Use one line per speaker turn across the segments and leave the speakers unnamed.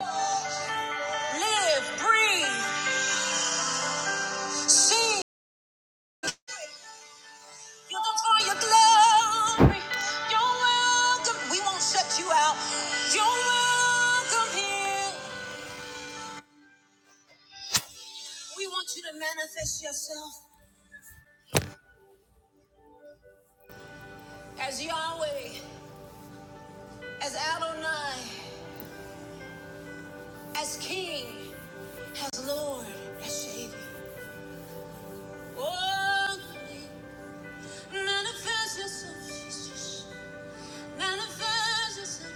Live, breathe, see. You are welcome. We won't shut you out. You're welcome here. We want you to manifest yourself as Yahweh, as Adonai, as King, as Lord, as Savior. Oh, manifest yourself. Manifest yourself.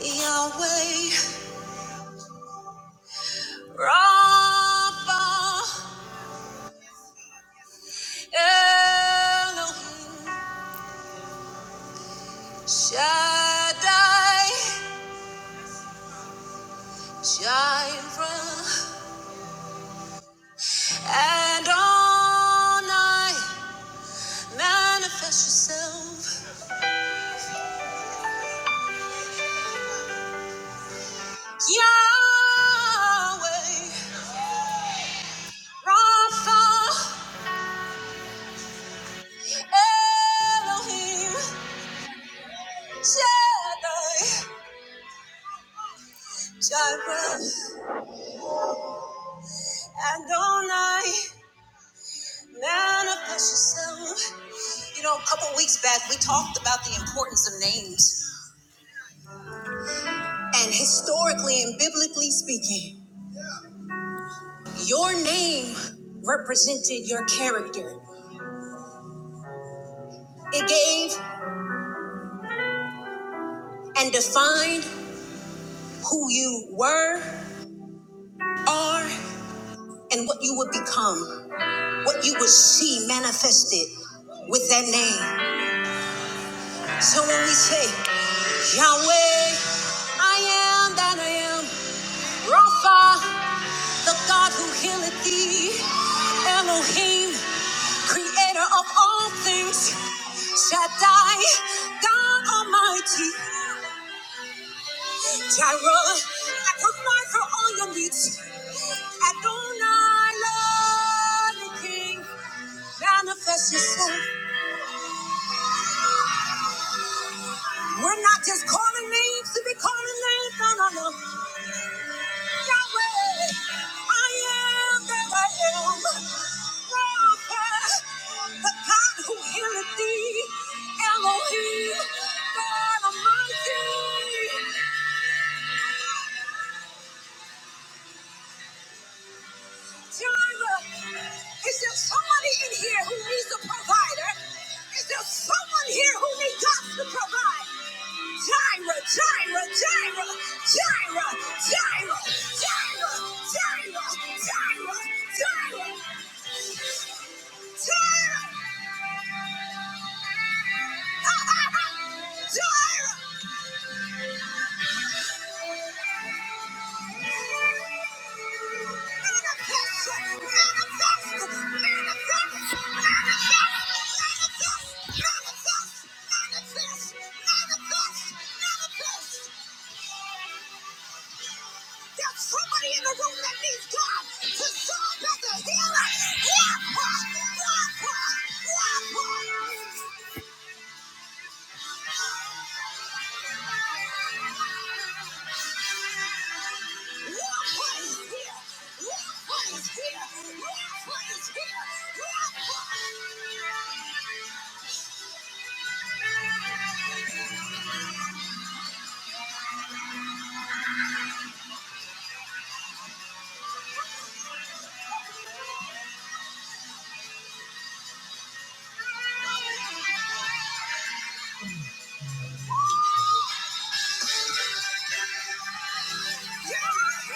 Yahweh, Rapha. Elohim Shaddai, Jireh, and on manifest yourself. Yahweh, Rapha, Elohim Shaddai, Jireh, and on manifest yourself. You know, a couple weeks back, we talked about the importance of names. And historically and biblically speaking, your name represented your character. It gave and defined who you were, are, and what you would become, what you would see manifested with that name. So when we say, Yahweh, I am that I am, Rapha. the God who healeth thee, Elohim, creator of all things, Shaddai, God Almighty, Jireh, I provide for all your needs. Adonai, Lord and King, manifest yourself. We're not just calling names to be calling names, no, no, no. Is there somebody in here who needs a provider? Is there someone here who needs us to provide? Gyra, Gyra, Gyra, Gyra, Gyra, Gyra, Gyra, Gyra, Gyra, Gyra. Somebody in the room that needs God to show up as a healer. Walk, walk, walk, walk, walk. Hallelujah.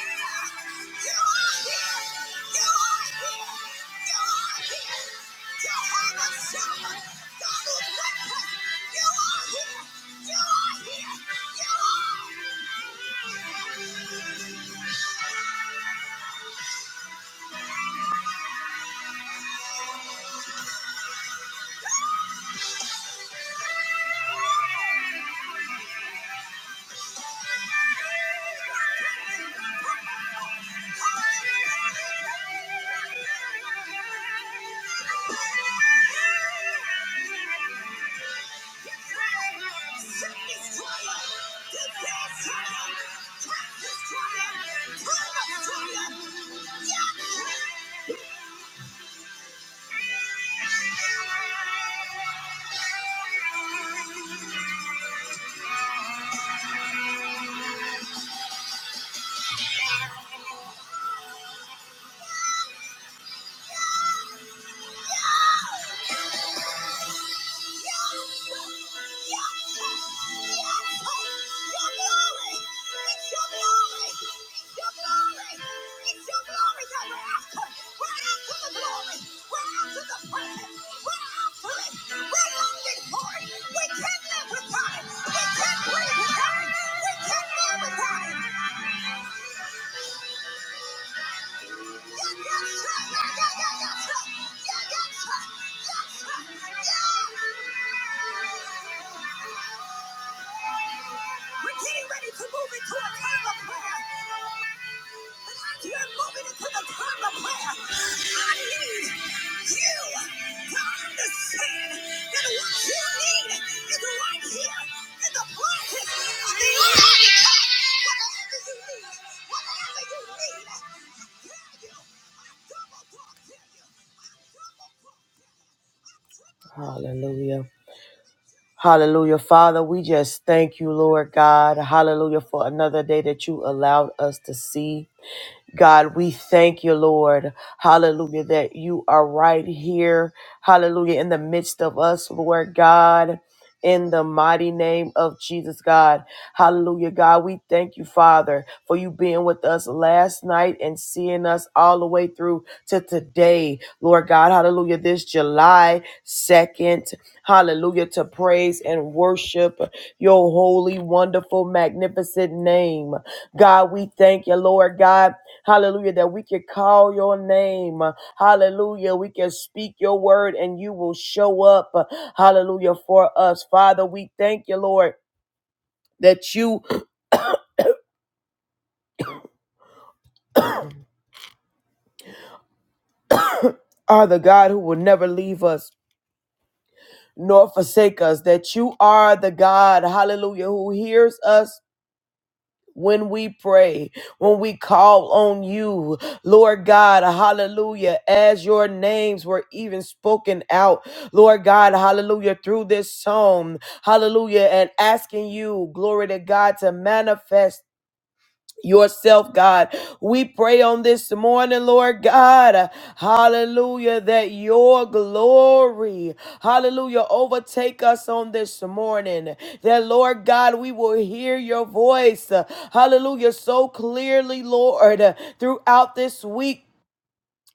Hallelujah. Father, we just thank you, Lord God. Hallelujah for another day that you allowed us to see. God, we thank you, Lord. Hallelujah, that you are right here. Hallelujah, in the midst of us, Lord God. In the mighty name of Jesus, God. Hallelujah, God. We thank you, Father, for you being with us last night and seeing us all the way through to today, Lord God. Hallelujah, this July 2nd. Hallelujah, to praise and worship your holy, wonderful, magnificent name. God, we thank you, Lord God. Hallelujah, that we can call your name. Hallelujah, we can speak your word and you will show up. Hallelujah, for us. Father, we thank you, Lord, that you are the God who will never leave us nor forsake us, that you are the God, hallelujah, who hears us when we pray, when we call on you, Lord God, hallelujah, as your names were even spoken out, Lord God, hallelujah, through this song, hallelujah, and asking you, glory to God, to manifest yourself, God. We pray on this morning, Lord God, uh, hallelujah, that your glory, hallelujah, overtake us on this morning. That, Lord God, we will hear your voice, uh, hallelujah, so clearly, Lord, uh, throughout this week.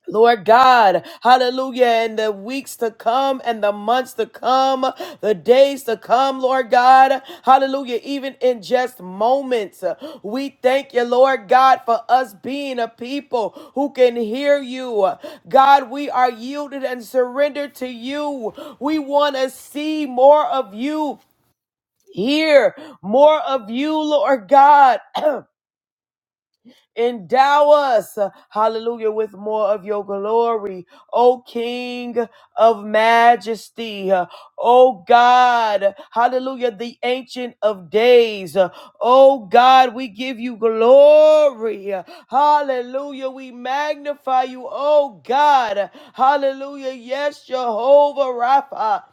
Lord God, hallelujah, in the weeks to come and the months to come, the days to come, Lord God, hallelujah, even in just moments, we thank you, Lord God, for us being a people who can hear you. God, we are yielded and surrendered to you. We want to see more of you, hear more of you, Lord God. Endow us, hallelujah, with more of your glory. O King of majesty, O God, hallelujah, the ancient of days. O God, we give you glory. Hallelujah, we magnify you, O God. Hallelujah, yes, Jehovah Rapha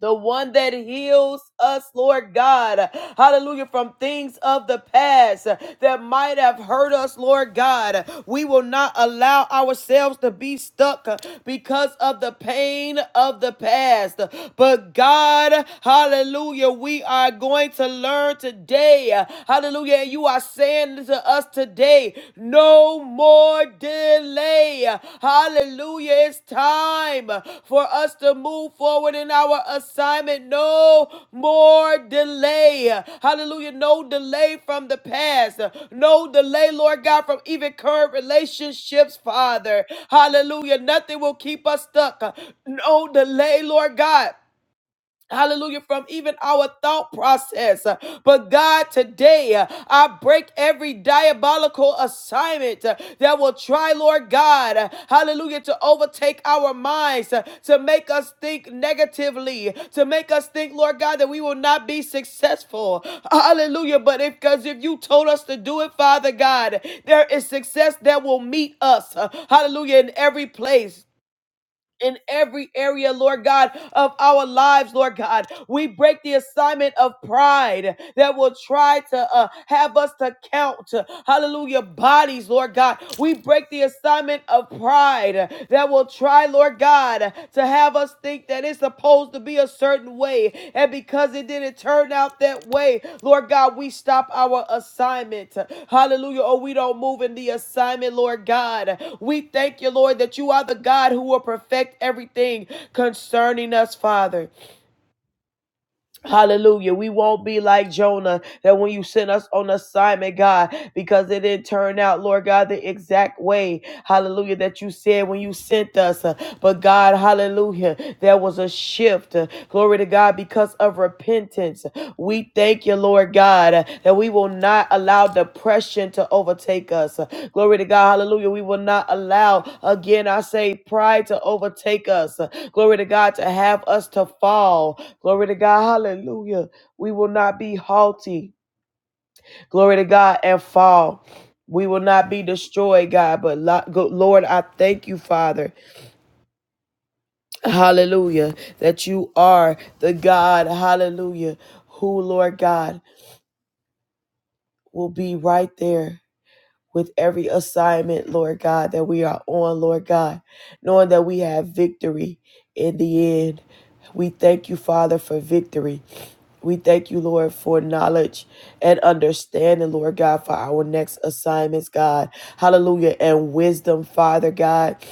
the one that heals us, Lord God. Hallelujah. From things of the past that might have hurt us, Lord God. We will not allow ourselves to be stuck because of the pain of the past. But God, hallelujah, we are going to learn today. Hallelujah. And you are saying to us today, no more delay. Hallelujah. It's time for us to move forward in our assignment. No more delay. Hallelujah. No delay from the past. No delay, Lord God, from even current relationships, Father. Hallelujah. Nothing will keep us stuck. No delay, Lord God Hallelujah, from even our thought process. But God, today uh, I break every diabolical assignment uh, that will try, Lord God, uh, hallelujah, to overtake our minds, uh, to make us think negatively, to make us think, Lord God, that we will not be successful. Hallelujah. But if, because if you told us to do it, Father God, there is success that will meet us. uh, Hallelujah, in every place in every area, Lord God, of our lives, Lord God. We break the assignment of pride that will try to uh, have us to count, uh, hallelujah, bodies, Lord God. We break the assignment of pride that will try, Lord God, to have us think that it's supposed to be a certain way. And because it didn't turn out that way, Lord God, we stop our assignment. Hallelujah. Oh, we don't move in the assignment, Lord God. We thank you, Lord, that you are the God who will perfect everything concerning us, Father. Hallelujah. We won't be like Jonah that when you sent us on assignment, God, because it didn't turn out, Lord God, the exact way, hallelujah, that you said when you sent us. Uh, But God, hallelujah, there was a shift. Uh, Glory to God because of repentance repentance. We thank you, Lord God, uh, that we will not allow depression to overtake us. Uh, Glory to God. Hallelujah. We will not allow, again, I say, pride to overtake us. Uh, Glory to God, to have us to fall. Glory to God. Hallelujah. We will not be haughty. Glory to God and fall. We will not be destroyed, God. But lo- go- Lord, I thank you, Father. Hallelujah. That you are the God. Hallelujah. Who, Lord God? will be right there with every assignment, Lord God, that we are on, Lord God, knowing that we have victory in the end. We thank you, Father, for victory. We thank you, Lord, for knowledge and understanding, Lord God, for our next assignments, God. Hallelujah. And wisdom, Father God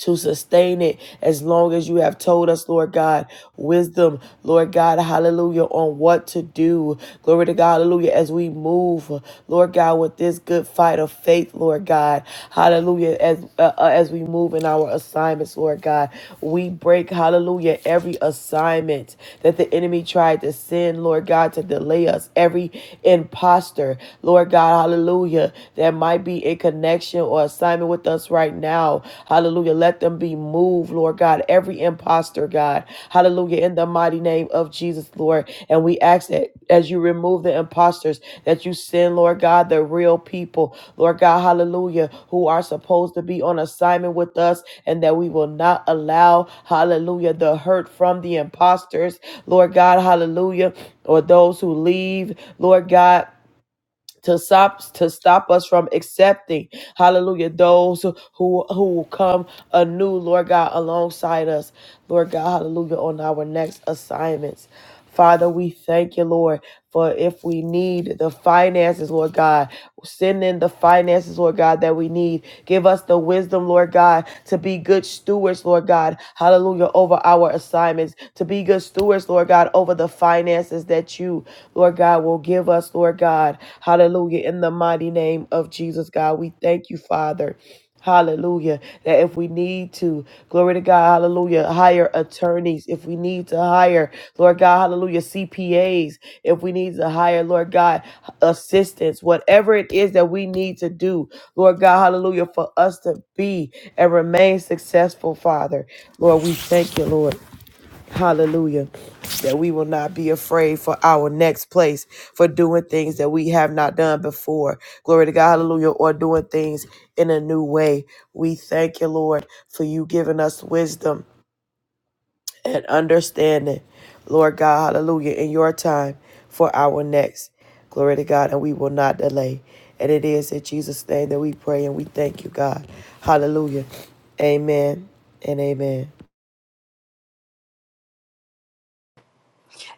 to sustain it as long as you have told us, Lord God, wisdom, Lord God, hallelujah, on what to do. Glory to God, hallelujah, as we move, Lord God, with this good fight of faith, Lord God, hallelujah, as uh, uh, as we move in our assignments, Lord God, we break, hallelujah, every assignment that the enemy tried to send, Lord God, to delay us, every imposter, Lord God, hallelujah, that might be connection or assignment with us right now. Hallelujah. Let them be moved, Lord God. Every imposter, God. Hallelujah. In the mighty name of Jesus, Lord. And we ask that as you remove the imposters, that you send, Lord God, the real people, Lord God, hallelujah, who are supposed to be on assignment with us, and that we will not allow, hallelujah, the hurt from the imposters, Lord God, hallelujah, or those who leave, Lord God to stop to stop us from accepting hallelujah those who who will come anew lord god alongside us lord god hallelujah on our next assignments father we thank you lord for if we need the finances lord god send in the finances lord god that we need give us the wisdom lord god to be good stewards lord god hallelujah over our assignments to be good stewards lord god over the finances circumstances that you, Lord God, will give us, Lord God. Hallelujah. In the mighty name of Jesus, God, we thank you, Father. Hallelujah. That if we need to, glory to God, hallelujah, hire attorneys. If we need to hire, Lord God, hallelujah, CPAs. If we need to hire, Lord God, assistance, whatever it is that we need to do, Lord God, hallelujah, for us to be and remain successful, Father. Lord, we thank you, Lord. Hallelujah. That we will not be afraid for our next place, for doing things that we have not done before. Glory to God. Hallelujah. Or doing things in a new way. We thank you, Lord, for you giving us wisdom and understanding. Lord God. Hallelujah. In your time for our next. Glory to God. And we will not delay. And it is in Jesus' name that we pray and we thank you, God. Hallelujah. Amen and amen.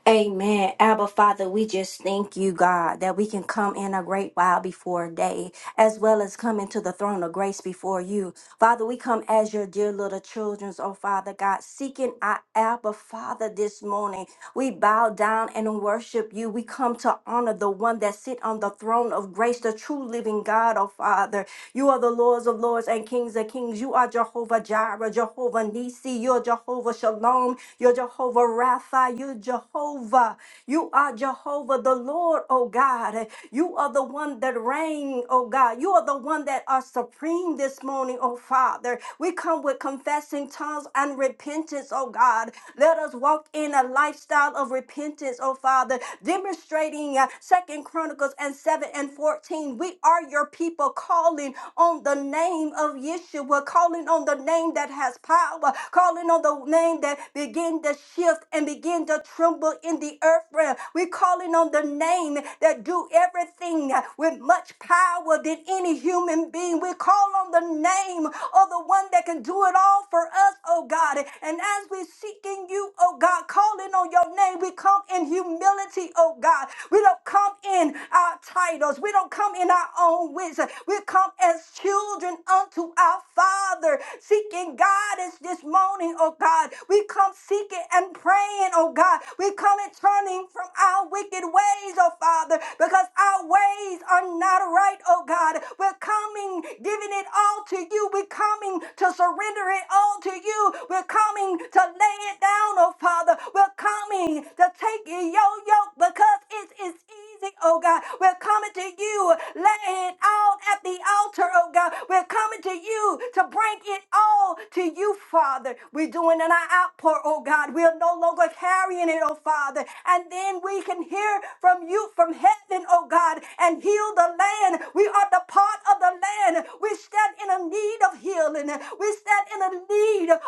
Amen. Abba Father, we just thank you, God, that we can come in a great while before day, as well as come into the throne of grace before you. Father, we come as your dear little children, oh Father God, seeking our Abba Father this morning. We bow down and worship you. We come to honor the one that sit on the throne of grace, the true living God, oh Father. You are the Lords of Lords and Kings of Kings. You are Jehovah Jireh, Jehovah Nisi, you're Jehovah Shalom, you're Jehovah. Jehovah Rapha. You're Jehovah. You are Jehovah the Lord, oh God. You are the one that reign, oh God. You are the one that are supreme this morning, oh Father. We come with confessing tongues and repentance, oh God. Let us walk in a lifestyle of repentance, oh Father, demonstrating uh, Second Chronicles and 7 and 14. We are your people calling on the name of Yeshua, calling on the name that has power, calling on the your name that begin to shift and begin to tremble in the earth realm. We're calling on the name that do everything with much power than any human being. We call on the name of the one that can do it all for us, oh God. And as we're seeking you, oh God, calling on your name, we come in humility, oh God. We don't come in our titles. We don't come in our own wisdom. We come as children unto our Father, seeking God God, is this morning, oh God. We come seeking and praying, oh God. We come and turning from our wicked ways, oh Father, because our ways are not right, oh God. We're coming, giving it all to you. We're coming to surrender it all to you. We're coming to lay it down, oh Father. We're coming to take your yoke because it is easy, oh God. We're coming to you, laying it out at the altar, oh God. We're coming to you, do to bring it all to you, Father. We're doing an outpour, oh God. We're no longer carrying it, oh Father. And then we can hear from you from heaven, oh God, and heal the land. We are the part of the land. We stand in a need of healing. We stand in a need of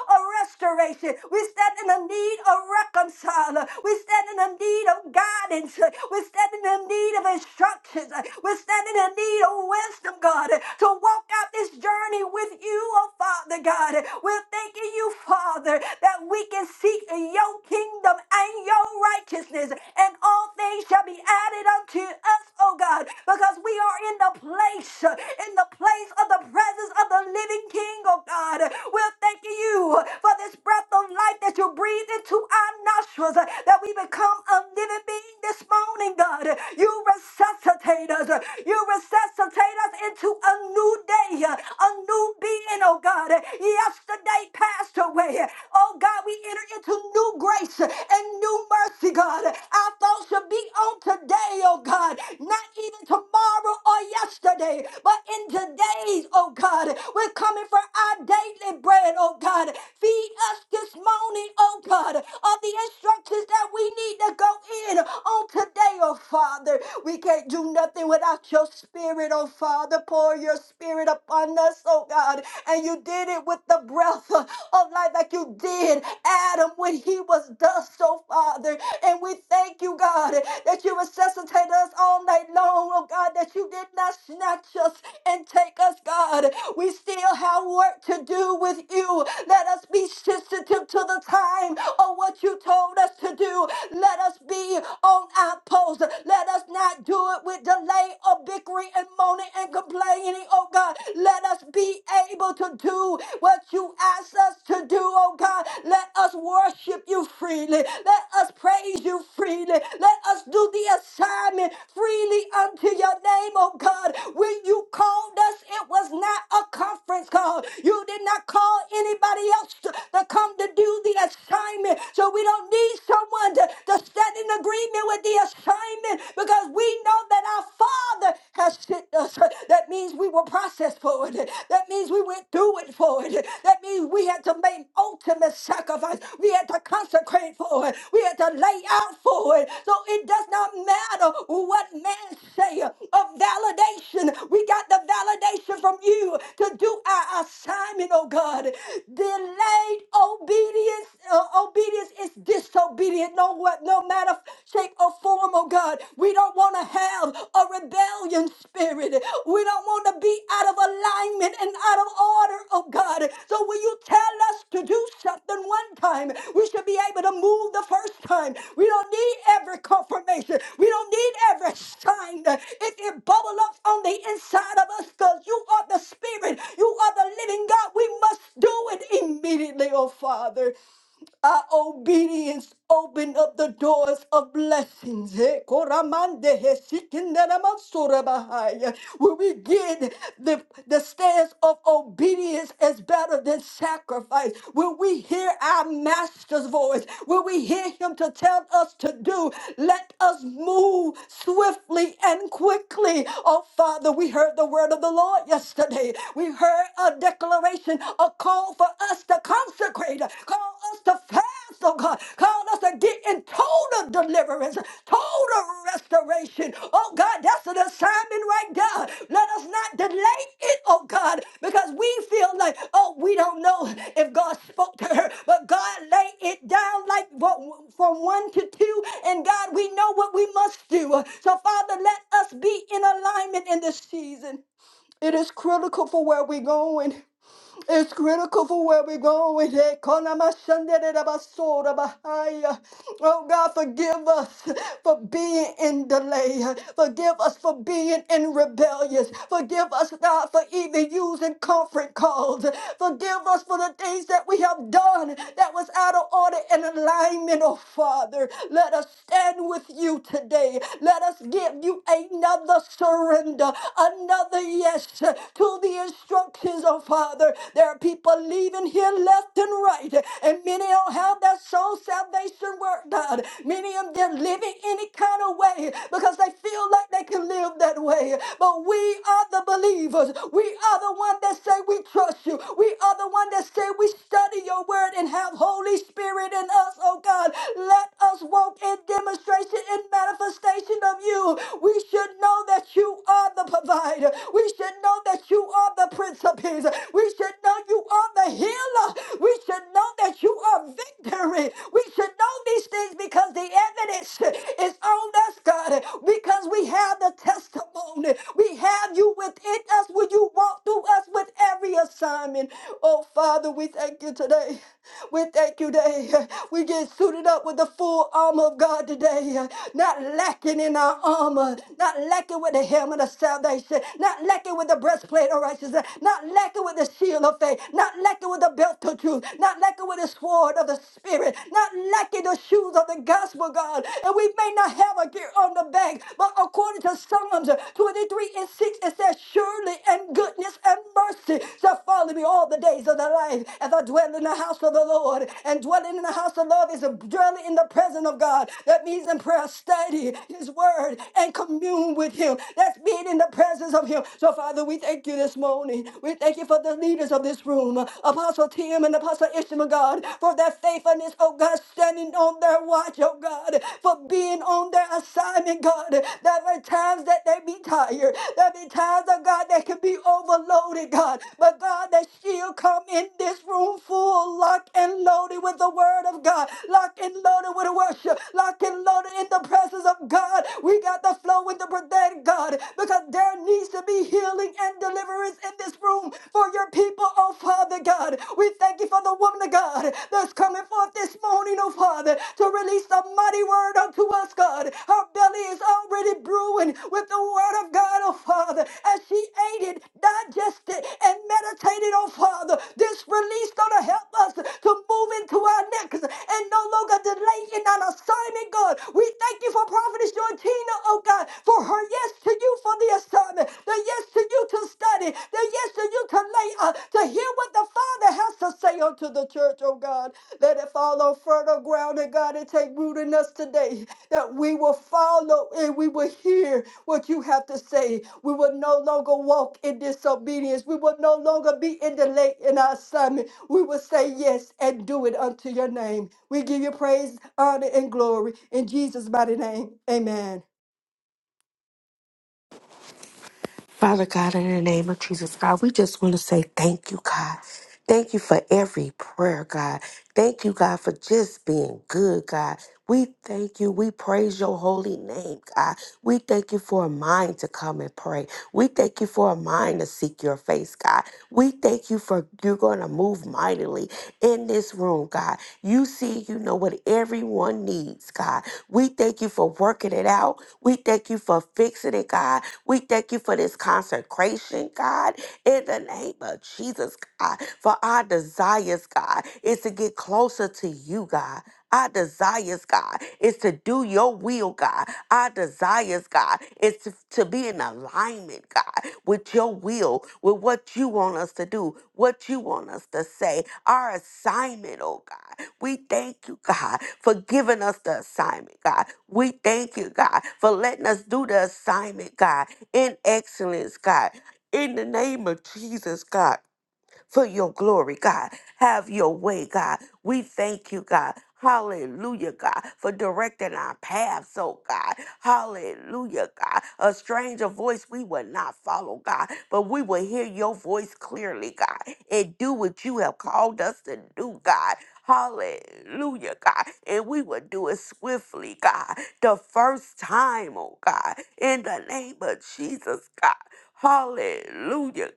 restoration. We stand in a need of reconciling. We stand in a need of guidance. We stand in a need of instructions. We stand in a need of wisdom, God, to to walk out this journey with you, oh Father God. We're thanking you, Father, that we can seek your kingdom and your righteousness, and all things shall be added unto us, oh God, because we are in the place, in the place of the presence of the living King, oh God. We're thanking you for this breath of life that you breathe into our nostrils, that we become a living being this morning, God. You resuscitate us. You resuscitate resuscitate us into a new day, a new being, oh God. Yesterday passed away. Oh God, we enter into new grace and new mercy, God. Our thoughts should be on today, oh God, not even tomorrow or yesterday, but in today's, oh God. We're coming for our daily bread, oh God. Feed us this morning, oh God, of the instructions that we need to go in on today, oh Father. We can't do do nothing without your spirit, oh Father. Pour your spirit upon us, oh God. And you did it with the breath uh, of life, like you did Adam when he was dust, oh Father. And we thank you, God, that you resuscitate us all night long, oh God, that you did not snatch us and take us, God. We still have work to do with you. Let us be sensitive to the time of what you told us to do. Let us be on our post goals. Let us not do it with delay or bickering and moaning and complaining, oh God. Let us be able to do what you ask us to do, oh God. Let us worship you freely. Let us praise you freely. Let us do the assignment freely unto your name, oh God. When you called us, it was not a conference call. You did not call anybody else to, to come to do the assignment. So we don't need someone to, to stand in agreement with the assignment because we know that our Father has sent us. That means we were processed for it. That means we went through it for it. That means we had to make ultimate sacrifice. We had to consecrate for it. We had to lay out for it. So it does not matter what man say of validation. We got the validation from you to do our assignment, oh God. Delayed obedience, uh, obedience obedience is disobedient, no, what, no matter shape or form, oh God. We don't want to have a rebellion spirit. We don't want to be out of alignment and out of order, oh God. So when you tell us to do something one time, we should be able to move the first time. We don't need every confirmation. We don't need every sign. It can bubble up on the inside of us because you are the spirit. You are the living God. We must do it immediately, oh Father. Our obedience opened up the doors of blessings. Hey, koramande he sikinderamasurabahaya. When we get the, the stance of obedience is better than sacrifice. When we hear our master's voice, when we hear him to tell us to do, let us move swiftly and quickly. Oh, Father, we heard the word of the Lord yesterday. We heard a declaration a call for us to consecrate, call us to fast, oh God, call us to get in total deliverance, total restoration. Oh God, that's an assignment right there. Let us not delay it, oh God, because we feel like, oh, we don't know if God spoke to her, but God laid it down like what, from one to two, and God, we know what we must do. So, Father, let us be in alignment in this season. It is critical for where we're going. It's critical for where we're going. Hey, Konamashanderabasodabahaya. Oh God, forgive us for being in delay. Forgive us for being in rebellious. Forgive us, God, for even using comfort calls. Forgive us for the things that we have done that was out of order and alignment, oh Father. Let us stand with you today. Let us give you another surrender, another yes to the instructions, oh Father. There are people leaving here left and right, and many don't have that soul salvation work done. Many of them living any kind of way because they feel like they can live that way. But we are the believers. We are the one that say we trust you. We are the one that say we study your word and have Holy Spirit in us, oh God. Let us walk in demonstration in manifestation of you. We should know that you are the provider. We should know that you are the Prince of Peace. We should know you are the healer. We should know that you are victory. We should know these things because the evidence is on us, God, because we have the testimony. We have you within us when you walk through us with every assignment. Oh, Father, we thank you today. We thank you today. We get suited up with the full armor of God today. Not lacking in our armor, not lacking with the helmet of salvation, not lacking with the breastplate of righteousness, not lacking with the shield of faith, not lacking with the belt of truth, not lacking with the sword of the spirit, not lacking the shoes of the gospel, God. And we may not have a gear on the back, but according to Psalms 23 and 6, it says, Surely and goodness and mercy mercy shall follow me all the days of thy life as I dwell in the house of the Lord. And dwelling in the house of the Lord is a dwelling in the presence of God. That means in prayer, study his word and commune with him. That's being in the presence of him. So, Father, we thank you this morning. We thank you for the leaders of this room, Apostle Tim and Apostle Ishmael, God, for their faithfulness, oh God, standing on their watch, oh God, for being on their assignment, God. There were times that they can be tired. There be times, oh God, that can be overloaded, God. But God, that she'll come in this room full, locked and loaded with the word of God, locked and loaded with worship, locked and loaded in the presence of God. We got the flow with the prophetic, God, because there needs to be healing and deliverance in this room for your people Oh, Father God, we thank you for the woman of God that's coming forth this morning, oh, Father, to release the mighty word unto us, God. Her belly is already brewing with the word of God, oh, Father, as she ate it, digested, and meditated, oh, Father. This released on going To help us to move into our next and no longer delay in our assignment, God. We thank you for Prophetess Georgina, oh God, for her yes to you for the assignment, the yes to you to study, the yes to you to lay, uh, to hear what the Father has to say unto the church, oh God. Let it fall on fertile ground, and God, and take root in us today, that we will follow and we will hear what you have to say. We will no longer walk in disobedience. We will no longer be in delay in our assignment we will say yes and do it unto your name. We give you praise, honor, and glory in Jesus' mighty name. Amen.
Father God, in the name of Jesus, God, we just want to say thank you, God. Thank you for every prayer, God. Thank you, God, for just being good, God. We thank you. We praise your holy name, God. We thank you for a mind to come and pray. We thank you for a mind to seek your face, God. We thank you for you're going to move mightily in this room, God. You see, you know what everyone needs, God. We thank you for working it out. We thank you for fixing it, God. We thank you for this consecration, God, in the name of Jesus, God. For our desires, God, is to get closer to you, God. Our desires, God, is to do your will, God. Our desires, God, is to, to be in alignment, God, with your will, with what you want us to do, what you want us to say, our assignment, oh God. We thank you, God, for giving us the assignment, God. We thank you, God, for letting us do the assignment, God, in excellence, God. In the name of Jesus, God for your glory, God. Have your way, God. We thank you, God. Hallelujah, God, for directing our paths, oh God. Hallelujah, God. A stranger voice we will not follow, God, but we will hear your voice clearly, God, and do what you have called us to do, God. Hallelujah, God. And we will do it swiftly, God. The first time, oh God, in the name of Jesus, God. Hallelujah,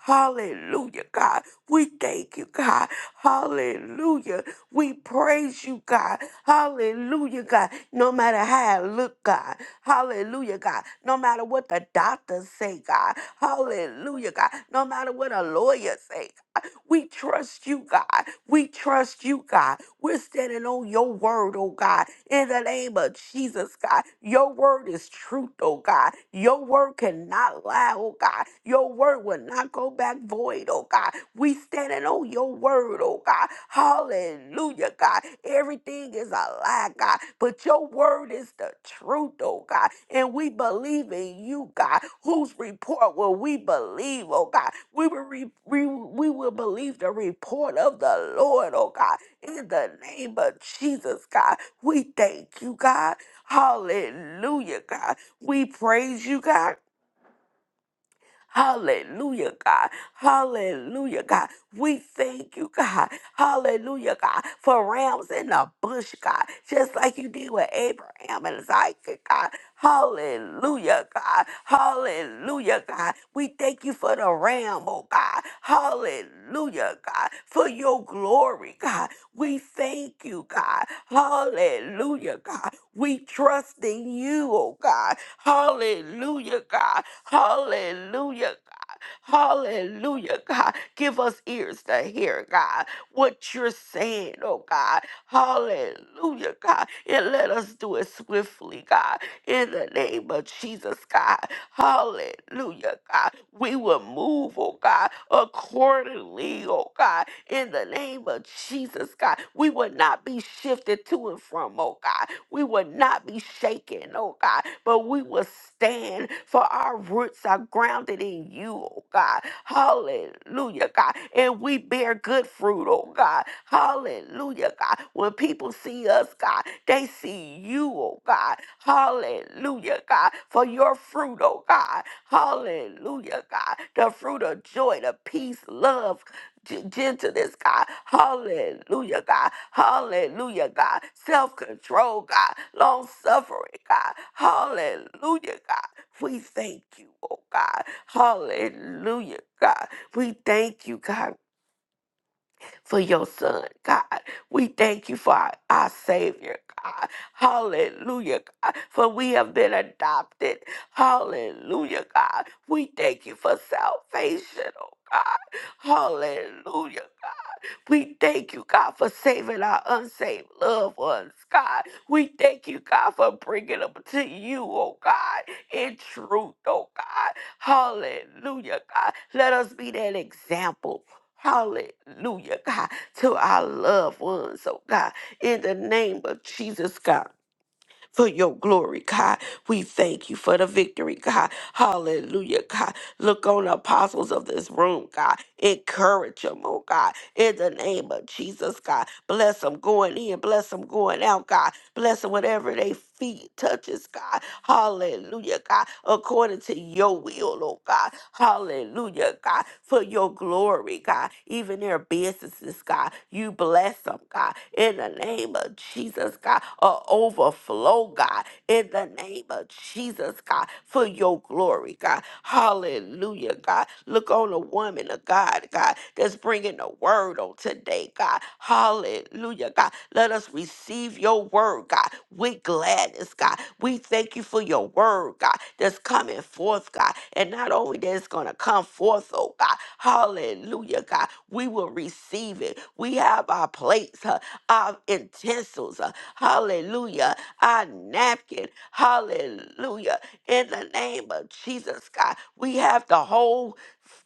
Hallelujah, God. We thank you, God. Hallelujah. We praise you, God. Hallelujah, God. No matter how I look, God. Hallelujah, God. No matter what the doctors say, God. Hallelujah, God. No matter what a lawyer say, God. We trust you, God. We trust you, God. We're standing on your word, oh God, in the name of Jesus, God. Your word is truth, oh God. Your word cannot lie, oh God. Your word will not go back void, oh God. We standing on your word, oh God. Hallelujah, God. Everything is a lie, God, but your word is the truth, oh God. And we believe in you, God. Whose report will we believe, oh God? We will, re- we, we will believe the report of the Lord, oh God. In the name of Jesus, God, we thank you, God. Hallelujah, God. We praise you, God. Hallelujah, God. Hallelujah, God. We thank you, God. Hallelujah, God, for rams in the bush, God, just like you did with Abraham and Isaac, God. Hallelujah, God. Hallelujah, God. We thank you for the ram, oh God. Hallelujah, God, for your glory, God. We thank you, God. Hallelujah, God. We trust in you, oh God. Hallelujah, God. Hallelujah. Hallelujah, God. Give us ears to hear, God, what you're saying, oh God. Hallelujah, God. And let us do it swiftly, God. In the name of Jesus, God. Hallelujah, God. We will move, oh God, accordingly, oh God. In the name of Jesus, God. We will not be shifted to and from, oh God. We will not be shaken, oh God, but we will stand for our roots are grounded in you, oh God. Hallelujah, God. And we bear good fruit, oh God. Hallelujah, God. When people see us, God, they see you, oh God. Hallelujah, God. For your fruit, oh God. Hallelujah, God. The fruit of joy, the peace, love, G- gentleness, God. Hallelujah, God. Hallelujah, God. Self control, God. Long suffering, God. Hallelujah, God. We thank you, oh God. Hallelujah, God. We thank you, God, for your son, God. We thank you for our, our Savior, God. Hallelujah, God. For we have been adopted. Hallelujah, God. We thank you for salvation, oh God. Hallelujah, we thank you, God, for saving our unsaved loved ones, God. We thank you, God, for bringing them to you, oh God, in truth, oh God. Hallelujah, God. Let us be that example. Hallelujah, God, to our loved ones, oh God, in the name of Jesus, God for your glory, God. We thank you for the victory, God. Hallelujah, God. Look on the apostles of this room, God. Encourage them, oh God. In the name of Jesus, God. Bless them going in, bless them going out, God. Blessing whatever they feet touches, God. Hallelujah, God. According to your will, oh God. Hallelujah, God. For your glory, God. Even their businesses, God. You bless them, God. In the name of Jesus, God. A overflow, God. In the name of Jesus, God. For your glory, God. Hallelujah. Hallelujah, God. Look on a woman of God, God, that's bringing the word on today, God. Hallelujah, God. Let us receive your word, God, with gladness, God. We thank you for your word, God, that's coming forth, God. And not only that, it's going to come forth, oh God. Hallelujah, God. We will receive it. We have our plates, uh, our utensils, uh, hallelujah, our napkin, hallelujah in the name of Jesus, God. We have the whole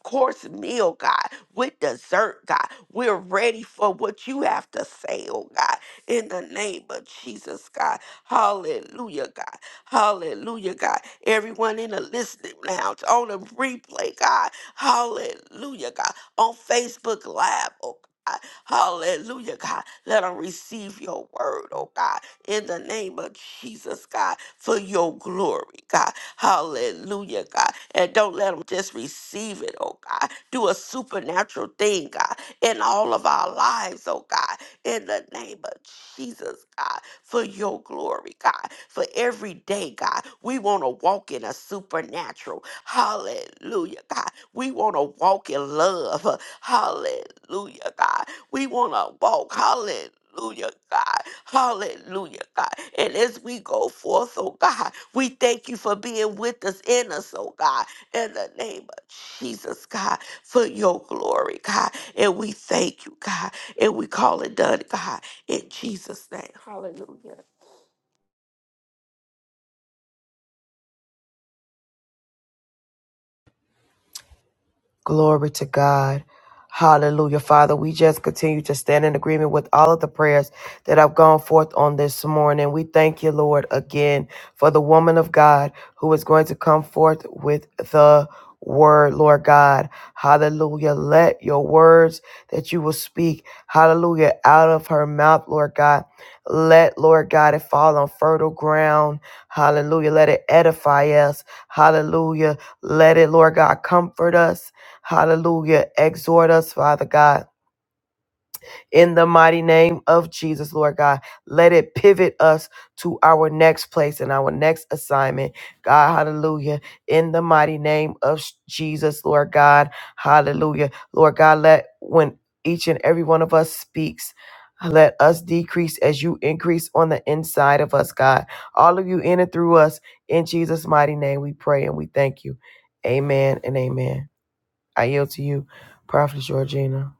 course meal, God, with dessert, God. We're ready for what you have to say, oh God, in the name of Jesus, God. Hallelujah, God. Hallelujah, God. Everyone in the listening lounge on the replay, God. Hallelujah, God. On Facebook Live, oh God. Hallelujah, God. Let them receive your word, oh God, in the name of Jesus, God, for your glory, God. Hallelujah, God. And don't let them just receive it, oh God. Do a supernatural thing, God, in all of our lives, oh God. In the name of Jesus, God, for your glory, God. For every day, God, we want to walk in a supernatural. Hallelujah, God. We want to walk in love. Hallelujah, God. We want to walk. Hallelujah, God. Hallelujah, God. And as we go forth, oh God, we thank you for being with us in us, oh God, in the name of Jesus, God, for your glory, God. And we thank you, God. And we call it done, God, in Jesus' name. Hallelujah.
Glory to God. Hallelujah. Father, we just continue to stand in agreement with all of the prayers that have gone forth on this morning. We thank you, Lord, again for the woman of God who is going to come forth with the word, Lord God. Hallelujah. Let your words that you will speak, hallelujah, out of her mouth, Lord God. Let, Lord God, it fall on fertile ground. Hallelujah. Let it edify us. Hallelujah. Let it, Lord God, comfort us. Hallelujah. Exhort us, Father God, in the mighty name of Jesus, Lord God. Let it pivot us to our next place and our next assignment. God, hallelujah. In the mighty name of sh- Jesus, Lord God, hallelujah. Lord God, let when each and every one of us speaks, let us decrease as you increase on the inside of us, God. All of you in and through us, in Jesus' mighty name, we pray and we thank you. Amen and amen. I yield to you, Prophet Georgina.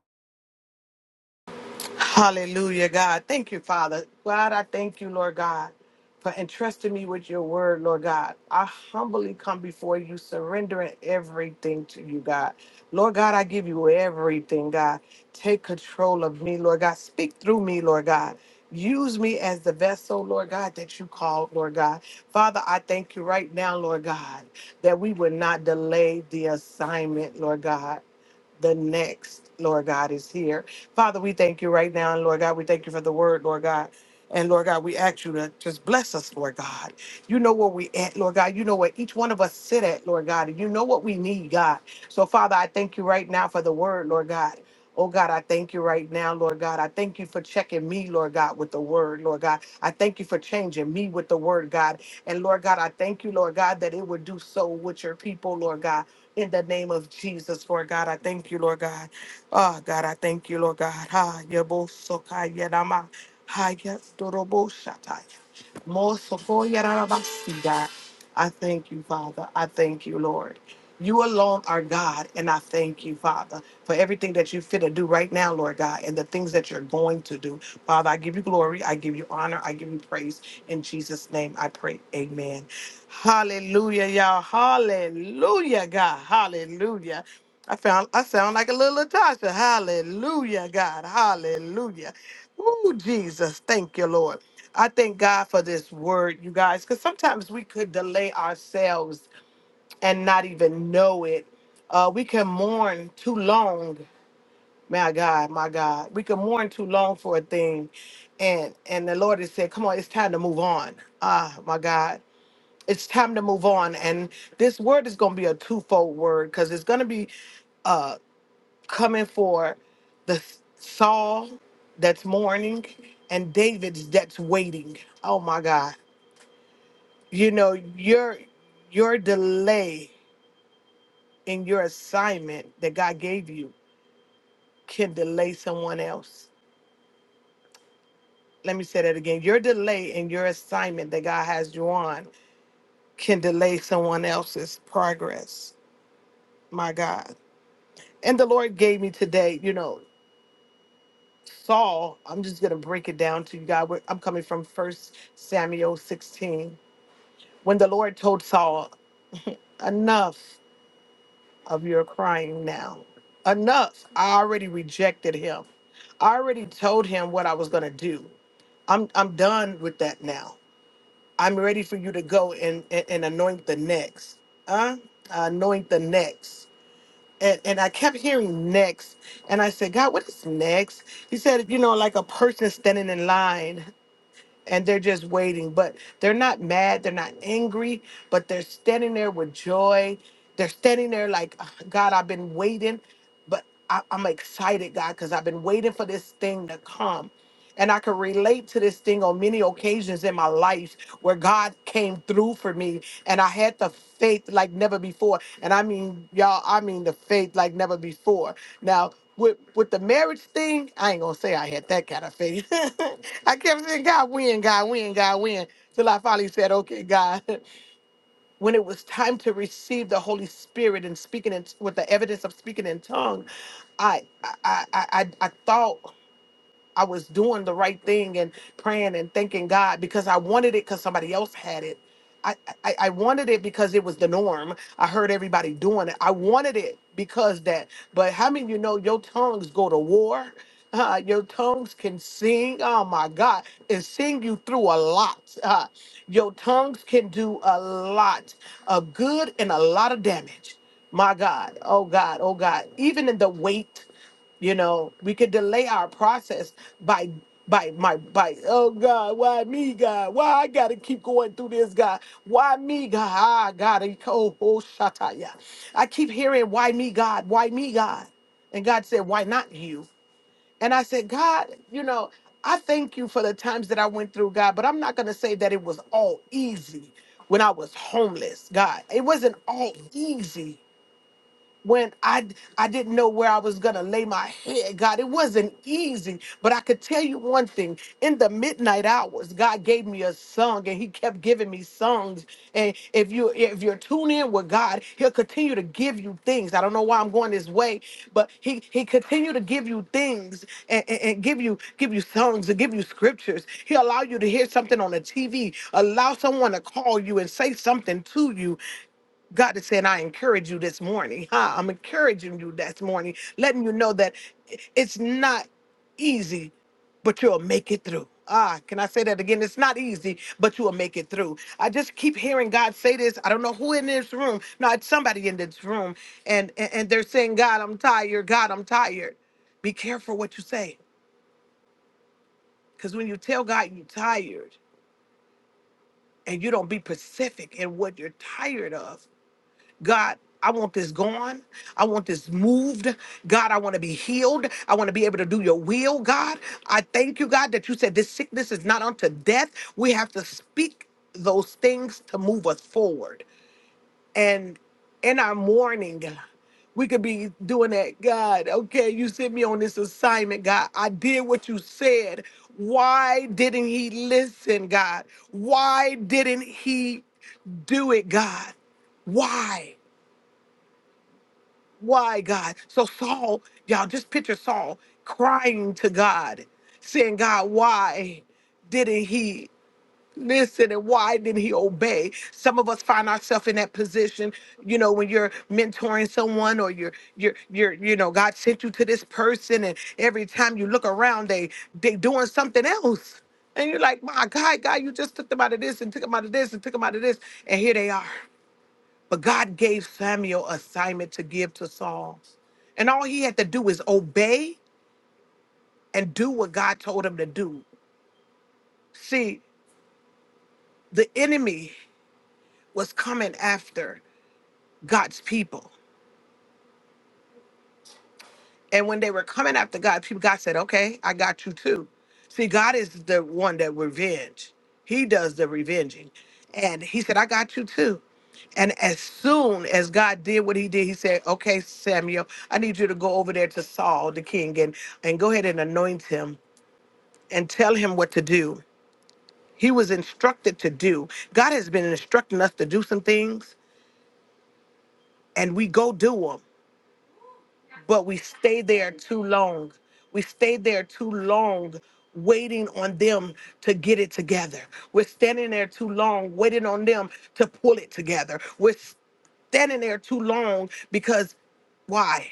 Hallelujah, God. Thank you, Father. God, I thank you, Lord God, for entrusting me with your word, Lord God. I humbly come before you, surrendering everything to you, God. Lord God, I give you everything, God. Take control of me, Lord God. Speak through me, Lord God. Use me as the vessel, Lord God, that you called, Lord God. Father, I thank you right now, Lord God, that we would not delay the assignment, Lord God the next, Lord God, is here. Father, we thank you right now. And Lord God, we thank you for the word, Lord God. And Lord God, we ask you to just bless us, Lord God. You know where we at, Lord God. You know where each one of us sit at, Lord God. And you know what we need, God. So, Father, I thank you right now for the word, Lord God. Oh God, I thank you right now, Lord God. I thank you for checking me, Lord God, with the word, Lord God. I thank you for changing me with the word, God. And Lord God, I thank you, Lord God, that it would do so with your people, Lord God in the name of Jesus, Lord God. I thank you, Lord God. Oh, God, I thank you, Lord God. Ha, yebo soka yedama. Ha, yes, dorobo shatai. Mosokoyarabasiga. I thank you, Father. I thank you, Lord. You alone are God, and I thank you, Father, for everything that you fit to do right now, Lord God, and the things that you're going to do. Father, I give you glory, I give you honor, I give you praise. In Jesus' name I pray. Amen. Hallelujah, y'all. Hallelujah, God. Hallelujah. I found I sound like a little Natasha. Hallelujah, God. Hallelujah. Ooh, Jesus. Thank you, Lord. I thank God for this word, you guys, because sometimes we could delay ourselves and not even know it. Uh, we can mourn too long. My God, my God, we can mourn too long for a thing, and and the Lord has said, "Come on, it's time to move on." Ah, my God, it's time to move on. And this word is going to be a twofold word because it's going to be uh, coming for the Saul that's mourning and David's that's waiting. Oh my God. you know your your delay in your assignment that god gave you can delay someone else let me say that again your delay in your assignment that god has you on can delay someone else's progress my god and the lord gave me today you know saul i'm just gonna break it down to you guys We're- i'm coming from first samuel 16 when the lord told saul enough of your crying now. Enough. I already rejected him. I already told him what I was going to do. I'm I'm done with that now. I'm ready for you to go and and, and anoint the next. Huh? Anoint the next. And, and I kept hearing next. And I said, God, what is next? He said, you know, like a person standing in line and they're just waiting. But they're not mad, they're not angry, but they're standing there with joy. They're standing there like, "Ah, God, I've been waiting, but I, I'm excited, God, because I've been waiting for this thing to come. And I can relate to this thing on many occasions in my life where God came through for me and I had the faith like never before. And I mean, y'all, I mean the faith like never before. Now, with, with the marriage thing, I ain't gonna say I had that kind of faith. I kept saying, God win, God win, God win. Till I finally said, Okay, God. When it was time to receive the Holy Spirit and speaking in, with the evidence of speaking in tongue, I I I I, I I thought I was doing the right thing and praying and thanking God because I wanted it because somebody else had it. I, I, I wanted it because it was the norm. I heard everybody doing it. I wanted it because that. But how many of you know your tongues go to war? Uh, your tongues can sing. Oh my God, and sing you through a lot. Uh, your tongues can do a lot of good and a lot of damage. My God, oh God, oh God. Even in the weight you know we could delay our process by by my by oh God, why me, God? Why I gotta keep going through this, God? Why me, God? I gotta oh, oh shataya. I keep hearing why me, God, why me, God? And God said, Why not you? And I said, God, you know, I thank you for the times that I went through, God, but I'm not gonna say that it was all easy when I was homeless, God. It wasn't all easy when I I didn't know where I was gonna lay my head, God. It wasn't easy, but I could tell you one thing: in the midnight hours, God gave me a song, and He kept giving me songs. And if you if you're tuned in with God, He'll continue to give you things. I don't know why I'm going this way, but He He continue to give you things and, and, and give you give you songs and give you scriptures. He'll allow you to hear something on the TV, allow someone to call you and say something to you, God is saying, I encourage you this morning. Huh? I'm encouraging you this morning, letting you know that i- it's not easy, but you'll make it through. Ah, can I say that again? It's not easy, but you will make it through. I just keep hearing God say this. I don't know who in this room. No, it's somebody in this room. And and, and they're saying, God, I'm tired. God, I'm tired. Be careful what you say. Because when you tell God you're tired and you don't be specific in what you're tired of, God, I want this gone. I want this moved. God, I want to be healed. I want to be able to do your will, God. I thank you, God, that you said this sickness is not unto death. We have to speak those things to move us forward. And in our mourning, we could be doing that. God, okay, you sent me on this assignment, God. I did what you said. Why didn't he listen, God? Why didn't he do it, God? Why? Why, God? So Saul, y'all just picture Saul crying to God, saying, God, why didn't he listen and why didn't he obey? Some of us find ourselves in that position, you know, when you're mentoring someone or you're you're you're you know, God sent you to this person and every time you look around, they they doing something else. And you're like, my God, God, you just took them out of this and took them out of this and took them out of this. And here they are. But God gave Samuel assignment to give to Saul. And all he had to do is obey and do what God told him to do. See, the enemy was coming after God's people. And when they were coming after God, people God said, "Okay, I got you too." See, God is the one that revenge. He does the revenging, and He said, "I got you too." And as soon as God did what He did, He said, "Okay, Samuel, I need you to go over there to Saul, the king, and and go ahead and anoint him and tell him what to do." He was instructed to do. God has been instructing us to do some things, and we go do them. but we stay there too long. We stay there too long waiting on them to get it together. We're standing there too long waiting on them to pull it together. We're standing there too long because why?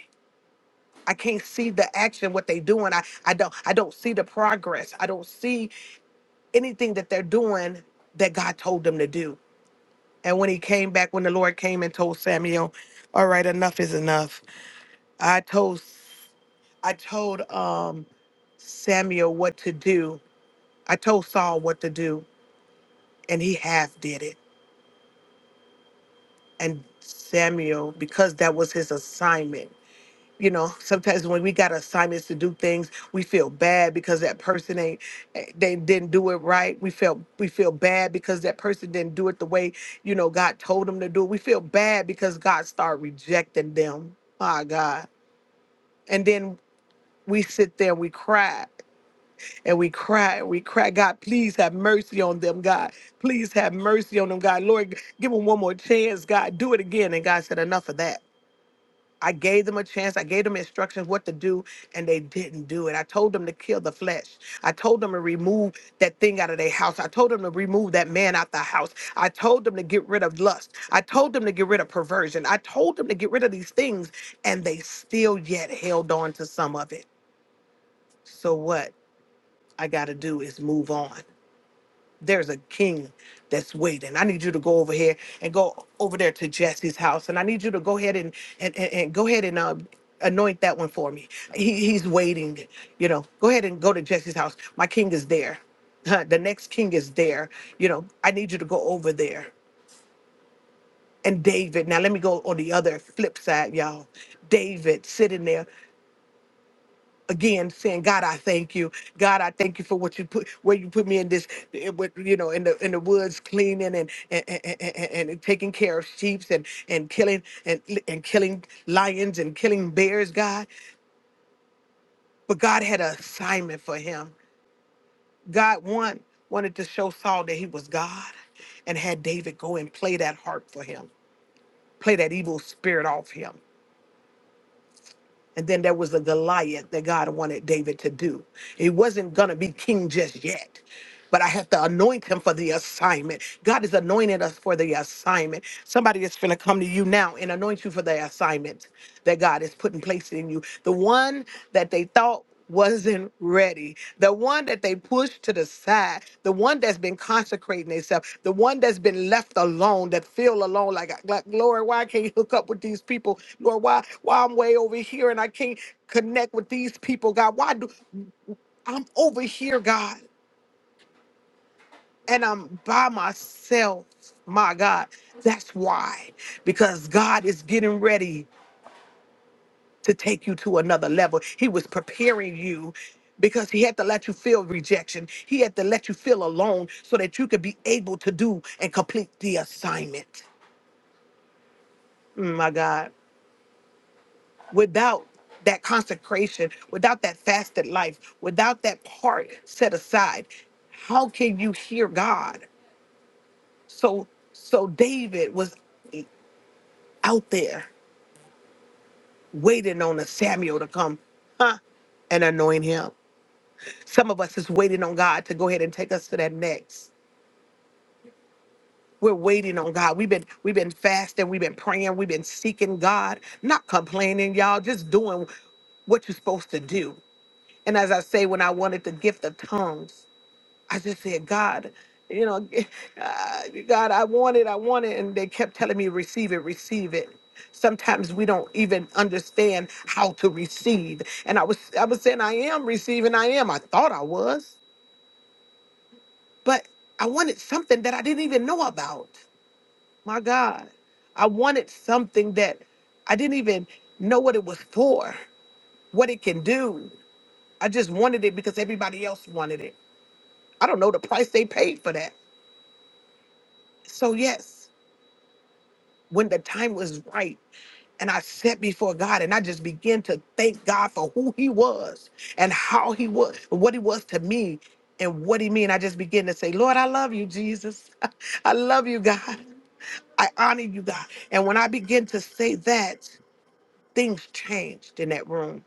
I can't see the action what they doing. I I don't I don't see the progress. I don't see anything that they're doing that God told them to do. And when he came back when the Lord came and told Samuel, "All right, enough is enough." I told I told um Samuel what to do. I told Saul what to do, and he half did it. And Samuel, because that was his assignment. You know, sometimes when we got assignments to do things, we feel bad because that person ain't eh, they didn't do it right. We felt we feel bad because that person didn't do it the way you know God told them to do it. We feel bad because God started rejecting them. My God, and then we sit there and we cry and we cry and we cry god please have mercy on them god please have mercy on them god lord give them one more chance god do it again and god said enough of that i gave them a chance i gave them instructions what to do and they didn't do it i told them to kill the flesh i told them to remove that thing out of their house i told them to remove that man out the house i told them to get rid of lust i told them to get rid of perversion i told them to get rid of these things and they still yet held on to some of it so what i got to do is move on there's a king that's waiting. I need you to go over here and go over there to Jesse's house, and I need you to go ahead and and and, and go ahead and uh, anoint that one for me. He, he's waiting. You know, go ahead and go to Jesse's house. My king is there. Huh, The next king is there. You know, I need you to go over there. And David, now let me go on the other flip side, y'all. David sitting there again saying god i thank you god i thank you for what you put where you put me in this eh, with, you know in the in the woods cleaning and and, and, and and taking care of sheep and and killing and and killing lions and killing bears god but god had an assignment for him god one wanted to show saul that he was god and had david go and play that harp for him play that evil spirit off him And then there was the Goliath that God wanted David to do. He wasn't going to be king just yet, but I have to anoint him for the assignment. God has anointed us for the assignment. Somebody is going to come to you now and anoint you for the assignment that God is putting place in you. The one that they thought wasn't ready. The one that they pushed to the side, the one that's been consecrating themselves, the one that's been left alone, that feel alone, like, like Lord, why I can't hook up with these people? Lord, why why I'm way over here and I can't connect with these people, God? Why do I'm over here, God, and I'm by myself, my God. That's why. Because God is getting ready. to take you to another level. He was preparing you because he had to let you feel rejection. He had to let you feel alone so that you could be able to do and complete the assignment. Mm, my God. Without that consecration, without that fasted life, without that part set aside, how can you hear God? So so David was out there waiting on a Samuel to come huh, and anoint him. Some of us is waiting on God to go ahead and take us to that next. We're waiting on God. We've been we've been fasting, we've been praying, we've been seeking God, not complaining, y'all, just doing what you're supposed to do. And as I say, when I wanted the gift of tongues, I just said, God, you know, uh, God, I want it, I want it, and they kept telling me, receive it, receive it. Sometimes we don't even understand how to receive. And I was I was saying I am receiving, I am. I thought I was. but I wanted something that I didn't even know about. My God, I wanted something that I didn't even know what it was for, what it can do. I just wanted it because everybody else wanted it. I don't know the price they paid for that. So, yes, when the time was right, and I sat before God and I just began to thank God for who He was and how He was, what He was to me and what He mean. I just began to say, Lord, I love you, Jesus. I love you, God. I honor you, God. And when I begin to say that, things changed in that room.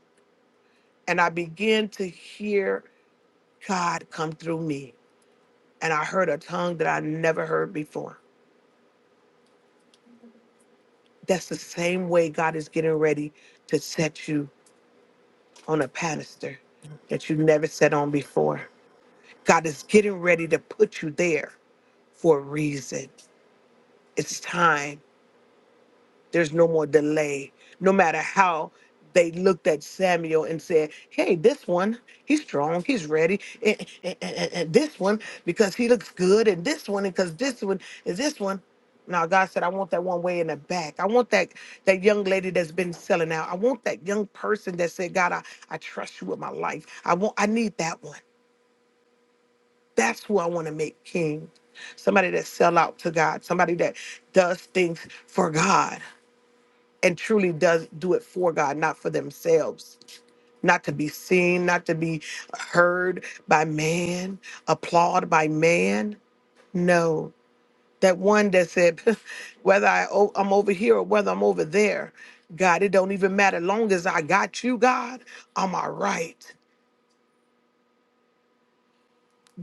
And I began to hear God come through me. And I heard a tongue that I never heard before. That's the same way God is getting ready to set you on a pedestal that you never sat on before. God is getting ready to put you there for a reason. It's time. There's no more delay. No matter how they looked at Samuel and said, Hey, this one, he's strong, he's ready. And, and- and- and this one, because he looks good. And this one, because this one is this one. Now God said, I want that one way in the back. I want that that young lady that's been selling out. I want that young person that said, God, I, I trust you with my life. I want I need that one. That's who I want to make king. Somebody that sell out to God, somebody that does things for God and truly does do it for God, not for themselves, not to be seen, not to be heard by man, applauded by man. No, that one that said, whether I o- I'm over here or whether I'm over there, God, it don't even matter. Long as I got you, God, I'm all right.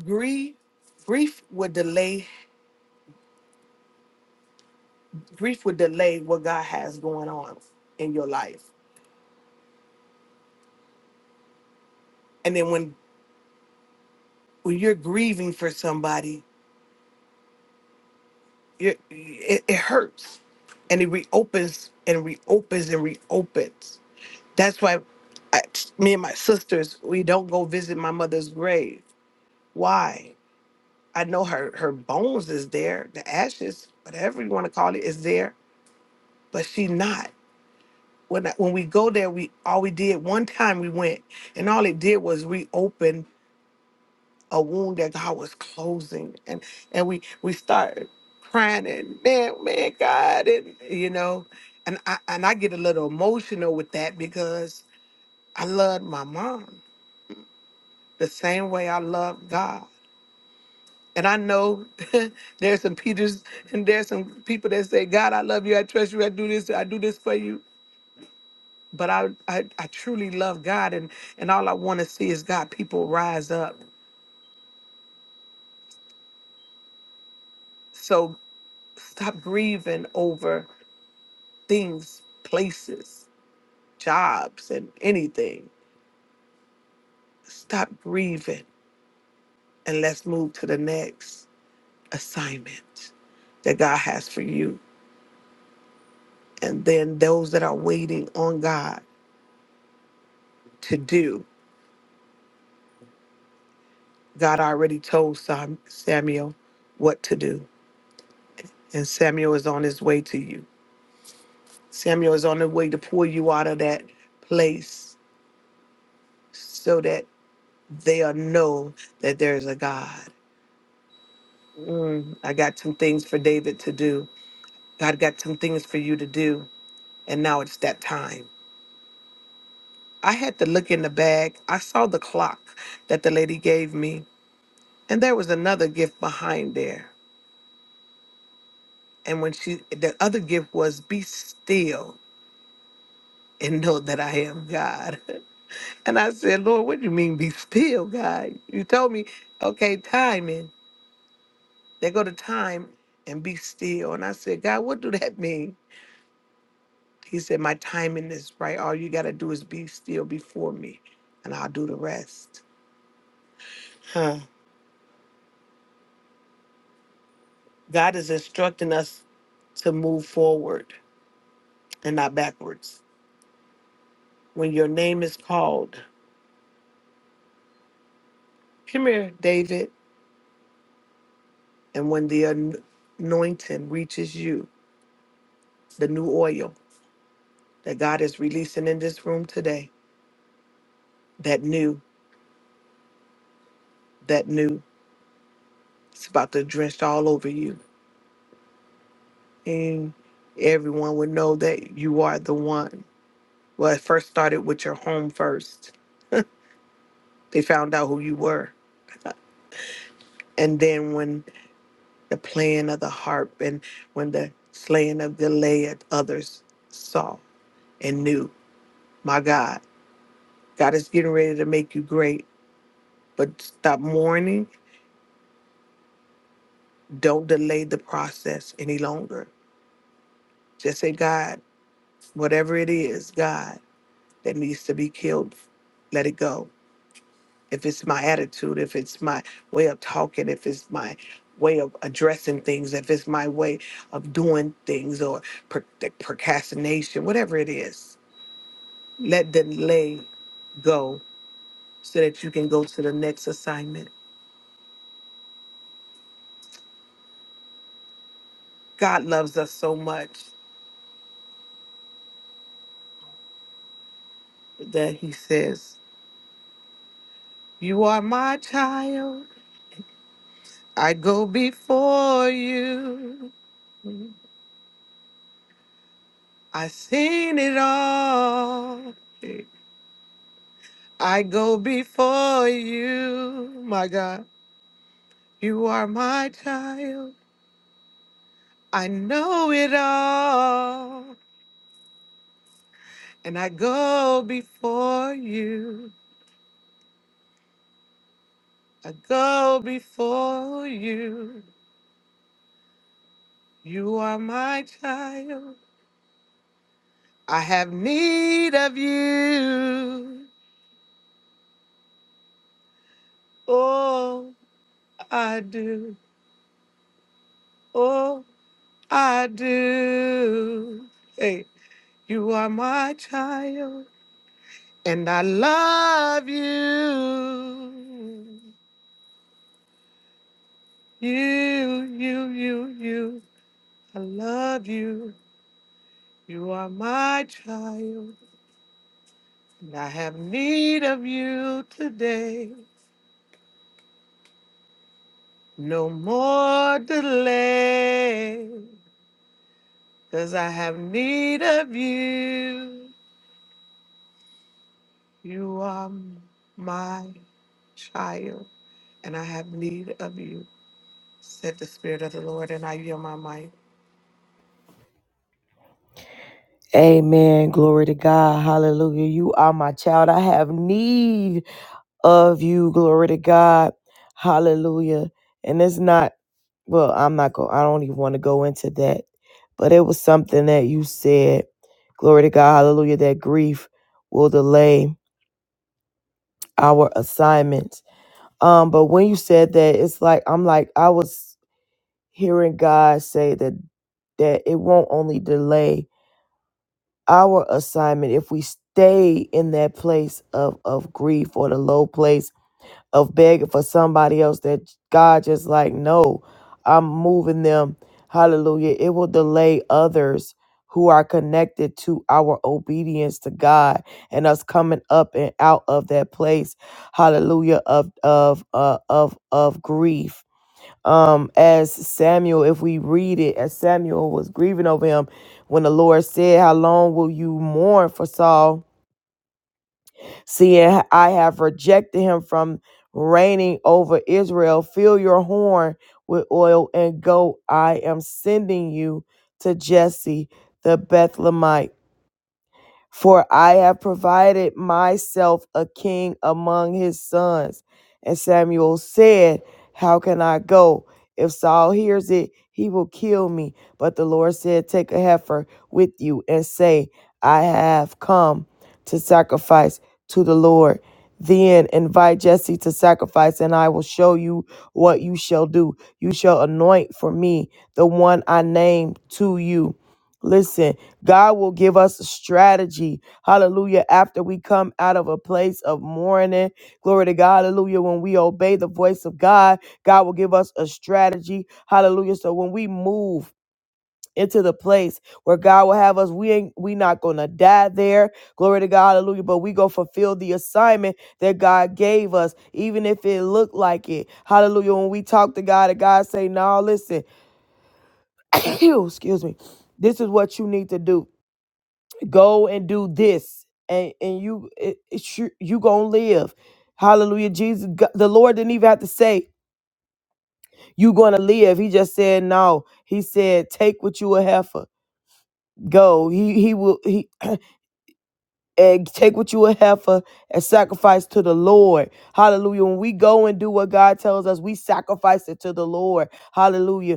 Grief, grief would delay, grief would delay what God has going on in your life. And then when when you're grieving for somebody, it, it, it hurts and it reopens and reopens and reopens that's why I, me and my sisters we don't go visit my mother's grave why i know her her bones is there the ashes whatever you want to call it is there but she not when I, when we go there we all we did one time we went and all it did was reopen a wound that God was closing, and and we we started crying and man, man, God, and you know, and I and I get a little emotional with that because I loved my mom the same way I love God, and I know there's some Peters and there's some people that say, God, I love you, I trust you, I do this, I do this for you. But I, I, I truly love God, and, and all I want to see is God people rise up. So stop grieving over things, places, jobs, and anything. Stop grieving and let's move to the next assignment that God has for you. And then those that are waiting on God to do, God already told Sam- Samuel what to do. And Samuel is on his way to you. Samuel is on the way to pull you out of that place so that they'll know that there's a God. Mm, I got some things for David to do God got some things for you to do, and now it's that time. I had to look in the bag. I saw the clock that the lady gave me, and there was another gift behind there. And when she, the other gift was, Be still and know that I am God. And I said, Lord, what do you mean, be still, God? You told me, okay, timing. They go to time and be still. And I said, God, what do that mean? He said, My timing is right. All you got to do is be still before me, and I'll do the rest. Huh. God is instructing us to move forward and not backwards. When your name is called, come here, David. And when the an- anointing reaches you, the new oil that God is releasing in this room today, that new, that new, it's about to drench all over you. And everyone would know that you are the one. Well, it first started with your home first. They found out who you were. And then when the playing of the harp, and when the slaying of Gilead, others saw and knew. My God, God is getting ready to make you great, but stop mourning. Don't delay the process any longer. Just say, God, whatever it is, God, that needs to be killed, let it go. If it's my attitude, if it's my way of talking, if it's my way of addressing things, if it's my way of doing things or pro- procrastination, whatever it is, Let delay go so that you can go to the next assignment. God loves us so much that He says, You are my child. I go before you. I seen it all. I go before you. My God, you are my child. I know it all. And I go before you. I go before you. You are my child. I have need of you. Oh, I do. Oh, I do. Hey, you are my child, and I love you. You, you, you, you. I love you. You are my child, and I have need of you today. No more delay, cause I have need of you. You are my child, and I have need of you, said the Spirit of the Lord, and I yield my mic.
Amen. Glory to God. Hallelujah. You are my child. I have need of you. Glory to God. Hallelujah. And it's not, well, I'm not going, I don't even want to go into that. But it was something that you said. Glory to God. Hallelujah. That grief will delay our assignments. Um, but when you said that, it's like, I'm like, I was hearing God say that that it won't only delay our assignment if we stay in that place of of grief or the low place of begging for somebody else that God just like no I'm moving them hallelujah it will delay others who are connected to our obedience to God and us coming up and out of that place hallelujah of of uh, of of grief um as Samuel if we read it as Samuel was grieving over him when the Lord said how long will you mourn for Saul seeing I have rejected him from reigning over Israel fill your horn with oil and go I am sending you to Jesse the Bethlehemite for I have provided myself a king among his sons. And Samuel said, How can I go? If Saul hears it, he will kill me. But the Lord said, Take a heifer with you and say, I have come to sacrifice to the Lord. Then invite Jesse to sacrifice, and I will show you what you shall do. You shall anoint for me the one I name to you. Listen, God will give us strategy. Hallelujah. After we come out of a place of mourning. Glory to God. Hallelujah. When we obey the voice of God, God will give us a strategy. Hallelujah. So when we move into the place where God will have us, we ain't we not gonna die there. Glory to God, hallelujah. But we go fulfill the assignment that God gave us, even if it looked like it. Hallelujah. When we talk to God and God say, No, listen, excuse me, this is what you need to do go and do this and and you it, it, sure- you gonna live hallelujah jesus Go- the lord didn't even have to say you gonna live he just said no he said take what you a heifer go he he will he and take what you a heifer and sacrifice to the lord hallelujah when we go and do what god tells us we sacrifice it to the lord hallelujah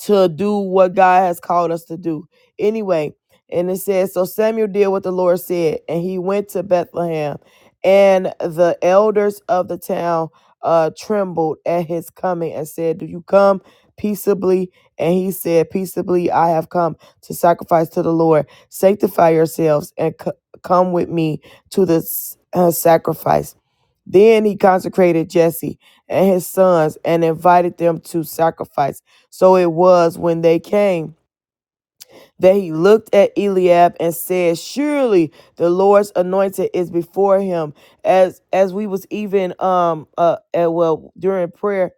to do what God has called us to do. Anyway, and it says, So Samuel did what the Lord said, and he went to Bethlehem, and the elders of the town uh, trembled at his coming and said, Do you come peaceably? And he said, Peaceably, I have come to sacrifice to the Lord. Sanctify yourselves and c- come with me to this uh, sacrifice. Then he consecrated Jesse and his sons and invited them to sacrifice. So it was when they came that he looked at Eliab and said, Surely the Lord's anointed is before him. As as we was even um uh uh, well during prayer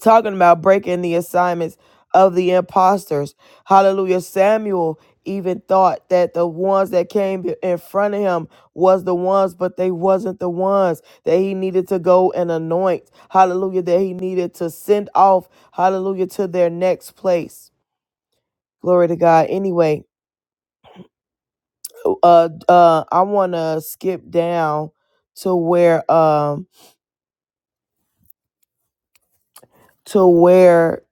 talking about breaking the assignments of the imposters. Hallelujah. Samuel even thought that the ones that came in front of him was the ones, but they wasn't the ones that he needed to go and anoint. Hallelujah. That he needed to send off. Hallelujah. To their next place. Glory to God. Anyway, uh, uh, I want to skip down to where, um, to where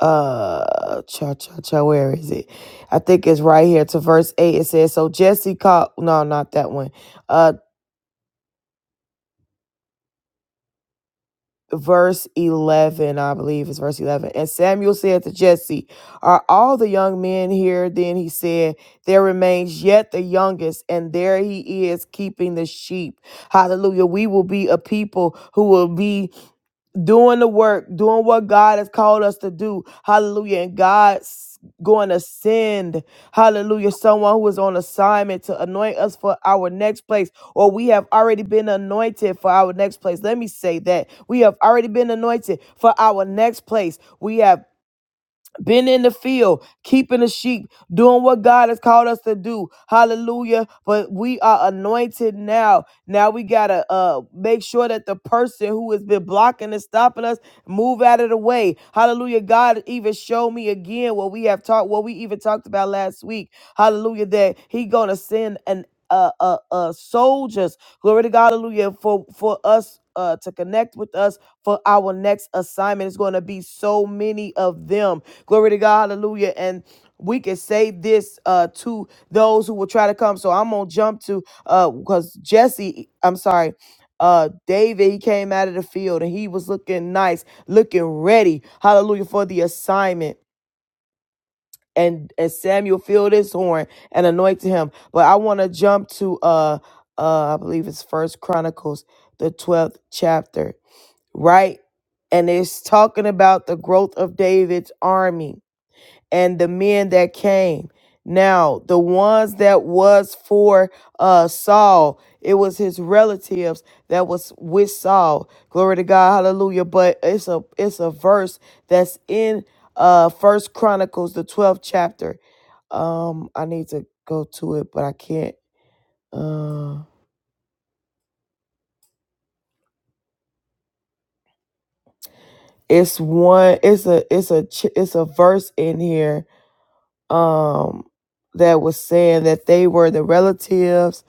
uh cha cha cha where is it i think it's right here to verse 8 it says so jesse called no not that one uh verse 11 i believe it's verse 11 and samuel said to jesse are all the young men here then he said there remains yet the youngest and there he is keeping the sheep hallelujah we will be a people who will be doing the work, doing what God has called us to do. Hallelujah. And God's going to send, hallelujah, someone who is on assignment to anoint us for our next place, or we have already been anointed for our next place. Let me say that. We have already been anointed for our next place. We have been in the field, keeping the sheep, doing what God has called us to do. Hallelujah. But we are anointed now. Now we got to uh, make sure that the person who has been blocking and stopping us move out of the way. Hallelujah. God even showed me again what we have talked, what we even talked about last week. Hallelujah. That he going to send an uh, uh, uh, soldiers. Glory to God, hallelujah, for, for us uh, to connect with us for our next assignment. It's going to be so many of them. Glory to God, hallelujah. And we can say this uh, to those who will try to come. So I'm going to jump to, because Jesse, I'm sorry, uh, David, he came out of the field and he was looking nice, looking ready, hallelujah, for the assignment and and Samuel filled his horn and anointed him. But I want to jump to uh uh I believe it's First Chronicles, the twelfth chapter, right? And it's talking about the growth of David's army and the men that came. Now, the ones that was for uh Saul, it was his relatives that was with Saul. Glory to God, hallelujah. But it's a it's a verse that's in uh First Chronicles, the 12th chapter. Um, I need to go to it, but I can't. Uh, it's one, it's a it's a ch- it's a verse in here um that was saying that they were the relatives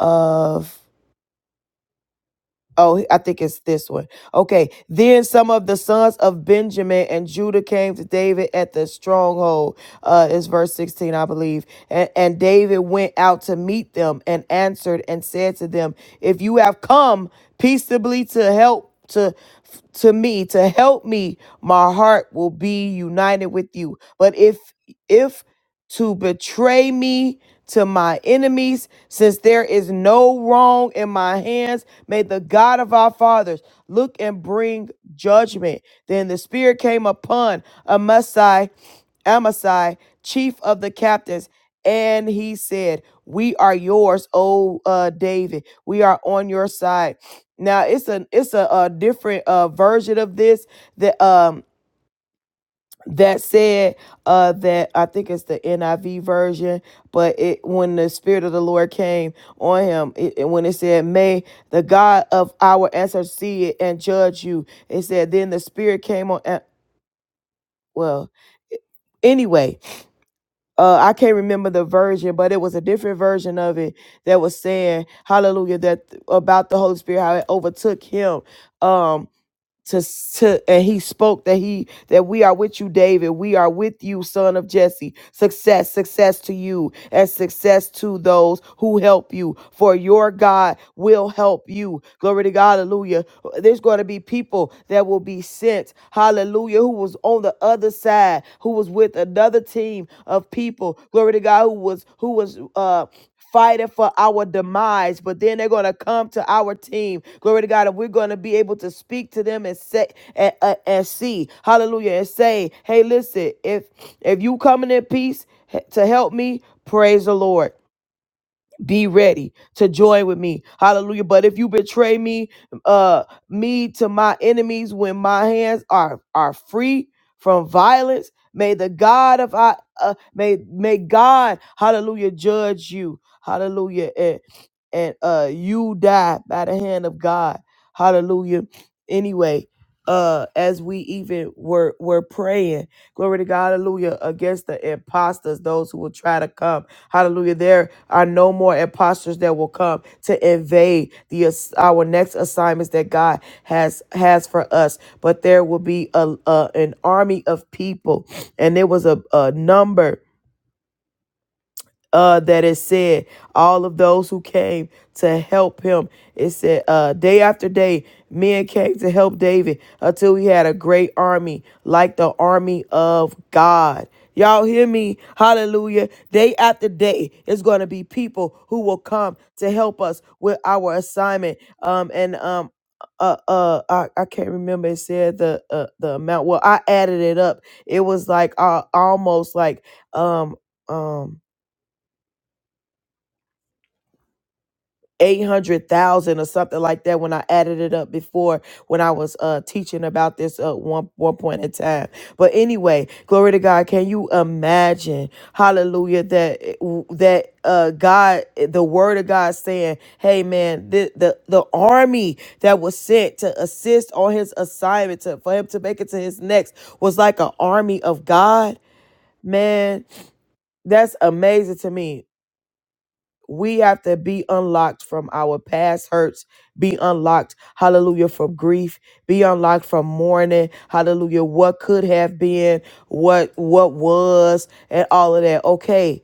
of Oh, I think it's this one. Okay. Then some of the sons of Benjamin and Judah came to David at the stronghold. Uh, it's verse 16, I believe. And, and David went out to meet them and answered and said to them, If you have come peaceably to help to to me, to help me, my heart will be united with you. But if if to betray me to my enemies, since there is no wrong in my hands May the God of our fathers look and bring judgment. Then the Spirit came upon Amasai, Amasai, chief of the captains, and he said, We are yours, O uh, David. We are on your side. Now it's a it's a, uh different uh, version of this that um that said uh that i think it's the niv version but it when the spirit of the lord came on him it, it- when it said may the god of our ancestors see it and judge you it said then the spirit came on a- well anyway uh i can't remember the version but it was a different version of it that was saying hallelujah that about the holy spirit how it overtook him um to to and he spoke that he that we are with you david we are with you son of jesse success success to you and success to those who help you for your god will help you glory to god hallelujah there's going to be people that will be sent hallelujah who was on the other side who was with another team of people glory to god who was who was uh fighting for our demise, but then they're going to come to our team. Glory to God. And we're going to be able to speak to them and say, and, uh, and see, hallelujah, and say, hey, listen, if, if you coming in peace to help me, praise the Lord be ready to join with me hallelujah but if you betray me uh me to my enemies when my hands are are free from violence may the god of i uh, may may god hallelujah judge you hallelujah and and uh you die by the hand of god hallelujah anyway uh as we even were were praying Glory to God. Hallelujah. Against the imposters, those who will try to come. Hallelujah. There are no more imposters that will come to invade the ass- our next assignments that God has has for us. But there will be a, a an army of people, and there was a, a number uh, that it said all of those who came to help him. It said uh, day after day, men came to help David until he had a great army like the army of God. Y'all hear me? Hallelujah. Day after day, it's going to be people who will come to help us with our assignment. Um, and um, uh, uh, I, I can't remember. It said the uh, the amount. Well, I added it up. It was like uh, almost like um um 800,000 or something like that when I added it up before when I was uh teaching about this uh one one point in time. But anyway, glory to God. Can you imagine? Hallelujah that that uh God eh, the word of God saying, "Hey man, the the, the army that was sent to assist on his assignment to, for him to make it to his next was like an army of God." Man, that's amazing to me we have to be unlocked from our past hurts, be unlocked, hallelujah, from grief, be unlocked from mourning, hallelujah, what could have been, what what was, and all of that. Okay,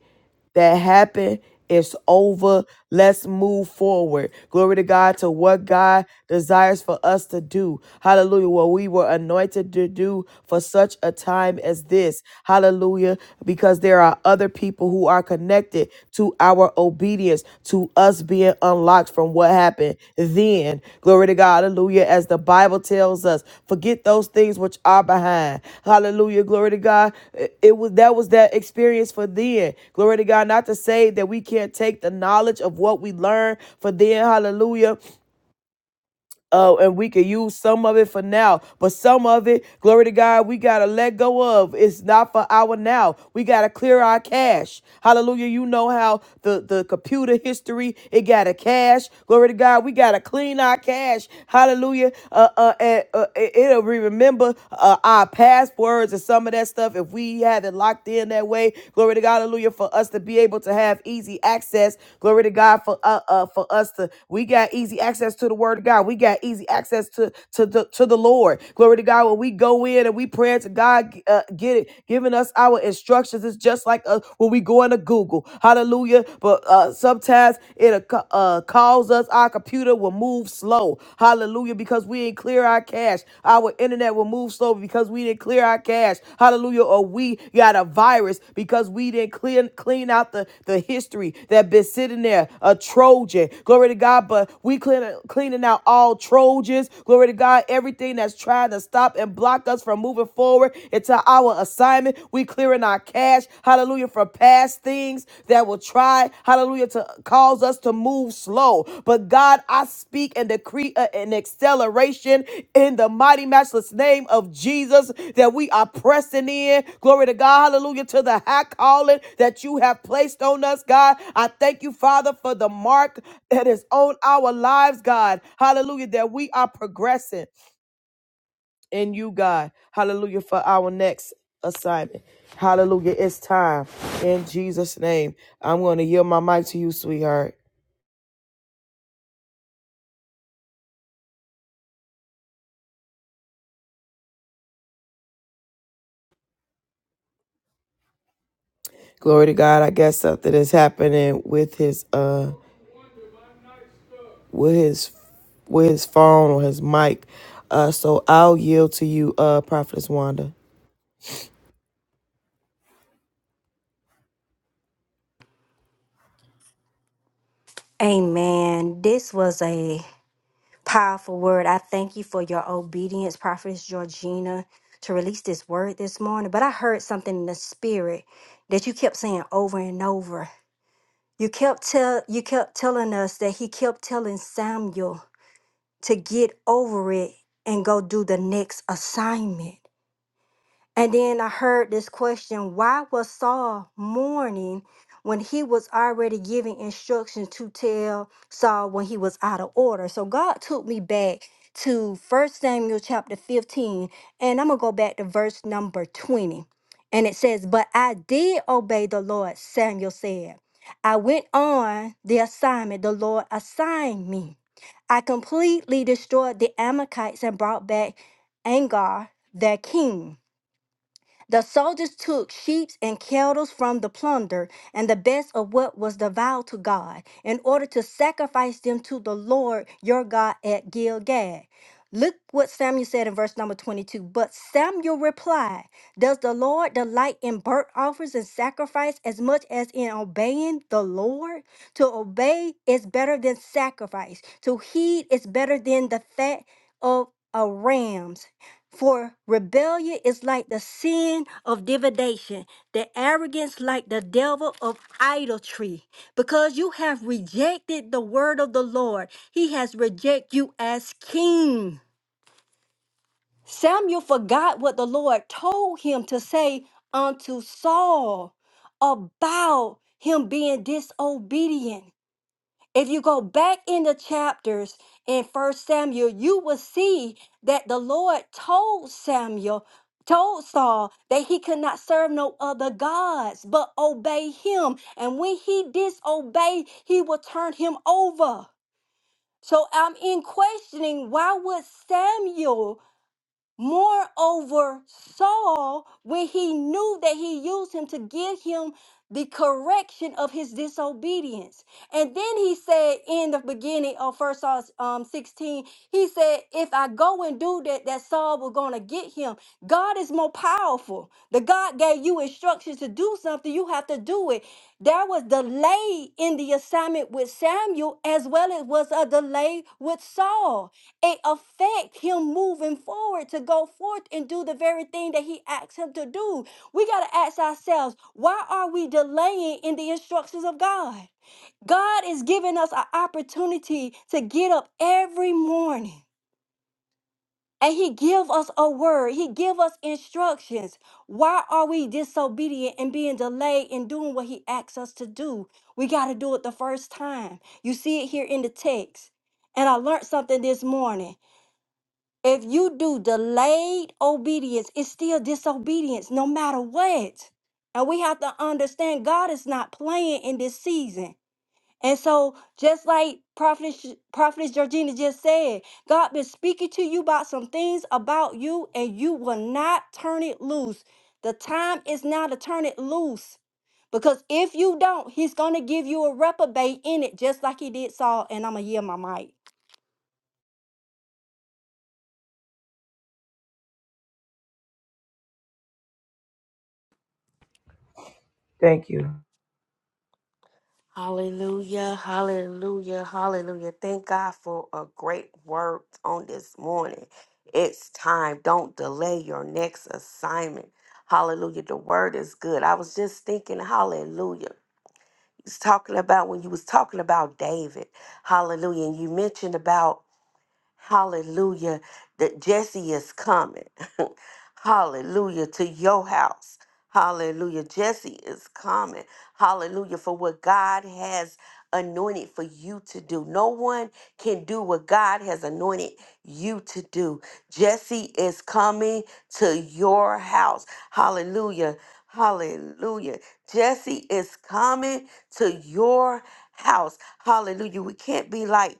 that happened it's over let's move forward glory to god to what god desires for us to do hallelujah what we were anointed to do for such a time as this hallelujah because there are other people who are connected to our obedience to to us being unlocked from what happened then. Glory to God. Hallelujah. As the Bible tells us, forget those things which are behind. Hallelujah. Glory to God. It it was that was that experience for then. Glory to God. Not to say that we can't take the knowledge of what we learned for then. Hallelujah uh, and we can use some of it for now. But some of it, glory to God, we gotta let go of. It's not for our now. We gotta clear our cash. Hallelujah. You know how the, the computer history, it got a cash. Glory to God, we gotta clean our cash. Hallelujah. Uh, uh, and, uh it- it'll re- remember uh, our passwords and some of that stuff if we have it locked in that way. Glory to God to God, hallelujah, for us to be able to have easy access. Glory to God for uh, uh for us to we got easy access to the word of God. We got easy access to to the to the Lord. Glory to God. When we go in and we pray to God, uh, get it, giving us our instructions. It's just like uh, when we go into Google. Hallelujah. But uh sometimes it uh, calls us our computer will move slow. Hallelujah. Because because we didn't clear our cache. Our internet will move slow because we didn't clear our cache. Hallelujah. Or we got a virus because we didn't clean clean out the, the history that been sitting there, a Trojan. Glory to God. But we clean, cleaning out all Trojans. Glory to God. Everything that's trying to stop and block us from moving forward into our assignment. We clearing our cache. Hallelujah. From past past things that will try, hallelujah, to cause us to move slow. But God, I speak and decree a- an acceleration in the mighty, matchless name of Jesus that we are pressing in. Glory to God, hallelujah, to the high calling that you have placed on us, God. I thank you, Father, for the mark that is on our lives, God. Hallelujah, that we are progressing in you, God. Hallelujah for our next assignment. Hallelujah. It's time. In Jesus' name, I'm going to yield my mic to you, sweetheart. Glory to God. I guess something is happening with his uh with his with his phone or his mic. Uh so I'll yield to you, uh Prophetess Wanda.
Amen. This was a powerful word. I thank you for your obedience, Prophetess Georgina, to release this word this morning. But I heard something in the spirit that you kept saying over and over. You kept tell you kept telling us that he kept telling Samuel to get over it and go do the next assignment. And then I heard this question why was Saul mourning when he was already giving instructions to tell Saul when he was out of order? So God took me back to 1 Samuel chapter 15, and I'm going to go back to verse number 20. And it says, But I did obey the Lord, Samuel said. I went on the assignment the Lord assigned me. I completely destroyed the Amalekites and brought back Angar, their king. The soldiers took sheep and cattle from the plunder and the best of what was devout to God, in order to sacrifice them to the Lord your God at Gilgal. Look what Samuel said in verse number 22. But Samuel replied, Does the Lord delight in burnt offerings and sacrifice as much as in obeying the Lord? To obey is better than sacrifice, to heed is better than the fat of a rams. For rebellion is like the sin of divination, the arrogance like the devil of idolatry. Because you have rejected the word of the Lord, he has rejected you as king. Samuel forgot what the Lord told him to say unto Saul about him being disobedient. If you go back in the chapters in First Samuel, you will see that the Lord told Samuel, told Saul that he could not serve no other gods but obey him. And when he disobeyed, he will turn him over. So I'm in questioning why would Samuel Moreover, Saul, when he knew that he used him to give him the correction of his disobedience. And then he said in the beginning of First Saul um, 16, he said, If I go and do that, that Saul was going to get him. God is more powerful. The God gave you instructions to do something, you have to do it. There was delay in the assignment with Samuel, as well as was a delay with Saul it affect him moving forward to go forth and do the very thing that he asked him to do. We got to ask ourselves, why are we delaying in the instructions of God? God is giving us an opportunity to get up every morning and he give us a word. He give us instructions. Why are we disobedient and being delayed in doing what he asks us to do? We got to do it the first time. You see it here in the text. And I learned something this morning. If you do delayed obedience, it's still disobedience no matter what. And we have to understand God is not playing in this season. And so, just like Prophet Prophetess Georgina just said, God been speaking to you about some things about you, and you will not turn it loose. The time is now to turn it loose. Because if you don't, he's gonna give you a reprobate in it, just like he did Saul. And I'ma yield my mic.
Thank you.
Hallelujah, hallelujah, hallelujah. Thank God for a great word on this morning. It's time. Don't delay your next assignment. Hallelujah. The word is good. I was just thinking, hallelujah. It's talking about when you was talking about David. Hallelujah. And you mentioned about Hallelujah. That Jesse is coming. Hallelujah. To your house. Hallelujah. Jesse is coming. Hallelujah. For what God has anointed for you to do. No one can do what God has anointed you to do. Jesse is coming to your house. Hallelujah. Hallelujah. Jesse is coming to your house. Hallelujah. We can't be like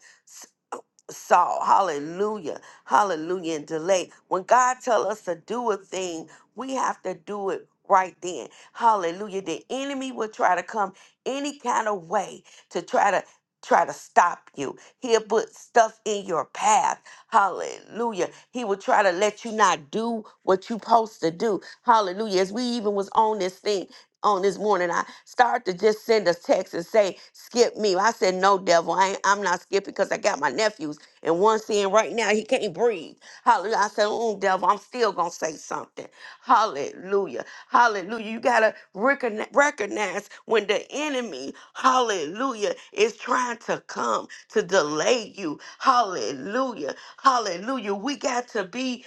Saul. Hallelujah. Hallelujah. And delay. When God tell us to do a thing, we have to do it right then. Hallelujah. The enemy will try to come any kind of way to try to try to stop you. He'll put stuff in your path. Hallelujah. He will try to let you not do what you supposed to do. Hallelujah. As we even was on this thing on this morning, I started to just send a text and say, skip me. I said, no, devil, I ain't, I'm not skipping because I got my nephews. And one saying right now he can't breathe. Hallelujah. I said, mm, devil, I'm still gonna say something. Hallelujah. Hallelujah. You gotta recogni- recognize when the enemy, hallelujah, is trying to come to delay you. Hallelujah. Hallelujah. We got to be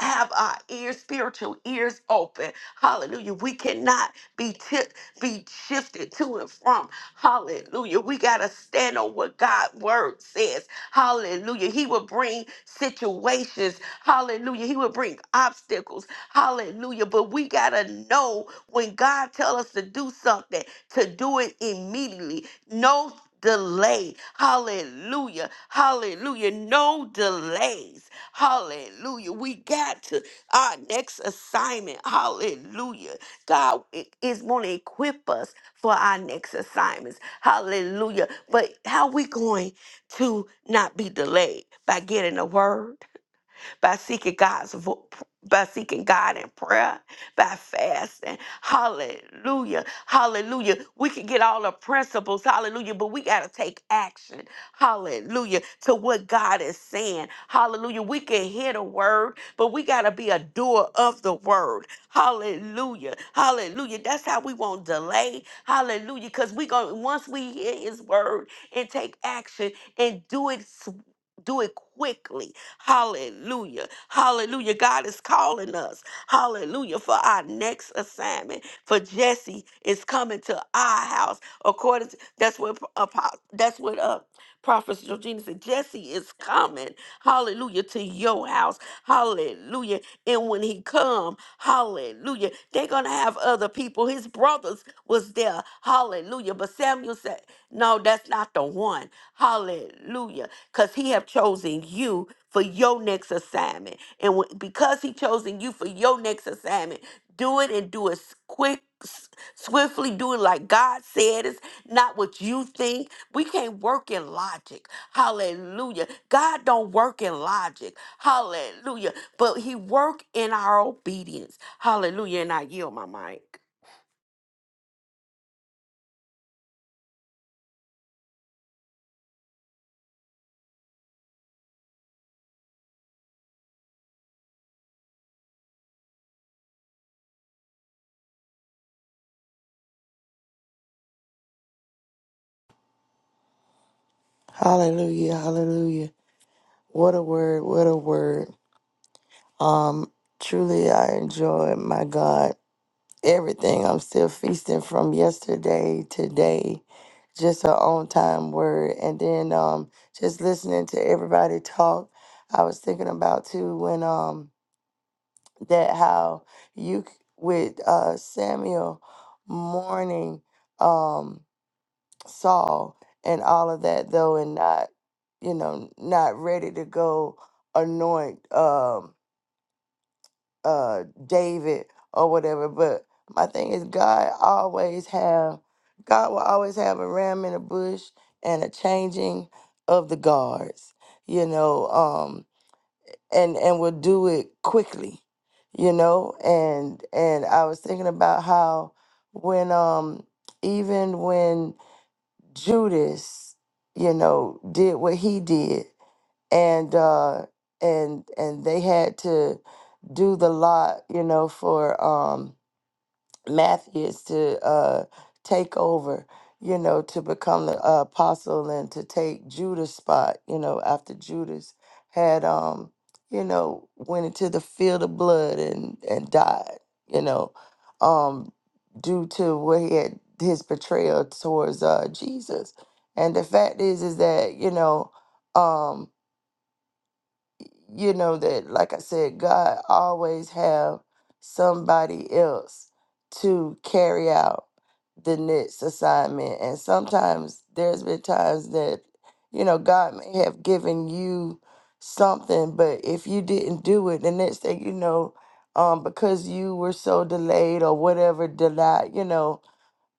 have our ears, spiritual ears open. Hallelujah. We cannot be tipped, be shifted to and from. Hallelujah. We got to stand on what God's word says. Hallelujah. He will bring situations. Hallelujah. He will bring obstacles. Hallelujah. But we got to know when God tell us to do something, to do it immediately. No delay. Hallelujah. Hallelujah. No delays. Hallelujah. We got to our next assignment. Hallelujah. God i- is going to equip us for our next assignments. Hallelujah. But how we going? to not be delayed by getting a word by seeking God's vo- by seeking God in prayer, by fasting. Hallelujah. Hallelujah. We can get all the principles. Hallelujah. But we got to take action. Hallelujah. To what God is saying. Hallelujah. We can hear the word, but we got to be a doer of the word. Hallelujah. Hallelujah. That's how we won't delay. Hallelujah. Because we go once we hear his word and take action and do it s- do it quickly. Hallelujah. Hallelujah. God is calling us. Hallelujah. For our next assignment. For Jesse is coming to our house. According to that's what apo- that's what uh Prophet Georgina said, Jesse is coming, hallelujah, to your house, hallelujah. And when he come, hallelujah, they're gonna have other people. His brothers was there, hallelujah. But Samuel said, No, that's not the one. Hallelujah because he have chosen you for your next assignment and wh- because he chosen you for your next assignment do it and do it s- quick s- swiftly do it like god said it's not what you think we can't work in logic hallelujah god don't work in logic hallelujah but he work in our obedience hallelujah and i yield my mic
Hallelujah, hallelujah. What a word, what a word. Um, truly I enjoy my God everything. I'm still feasting from yesterday, today, just an on time word. And then um just listening to everybody talk. I was thinking about too when um that how you c- with uh Samuel mourning. um Saul and all of that though and not you know not ready to go anoint um uh David or whatever but my thing is God always have God will always have a ram in a bush and a changing of the guards you know um and and will do it quickly you know and and I was thinking about how when um even when Judas, you know, did what he did, and uh, and and they had to do the lot, you know, for um, Matthews to uh, take over, you know, to become the uh, apostle and to take Judas' spot, you know, after Judas had, um, you know, went into the field of blood and and died, you know, um, due to what he had his betrayal towards uh, Jesus. And the fact is, is that you know. Um, you know that like i said god always have somebody else to carry out the next assignment and sometimes there's been times that you know god may have given you something but if you didn't do it the next thing you know um because you were so delayed or whatever delayed you know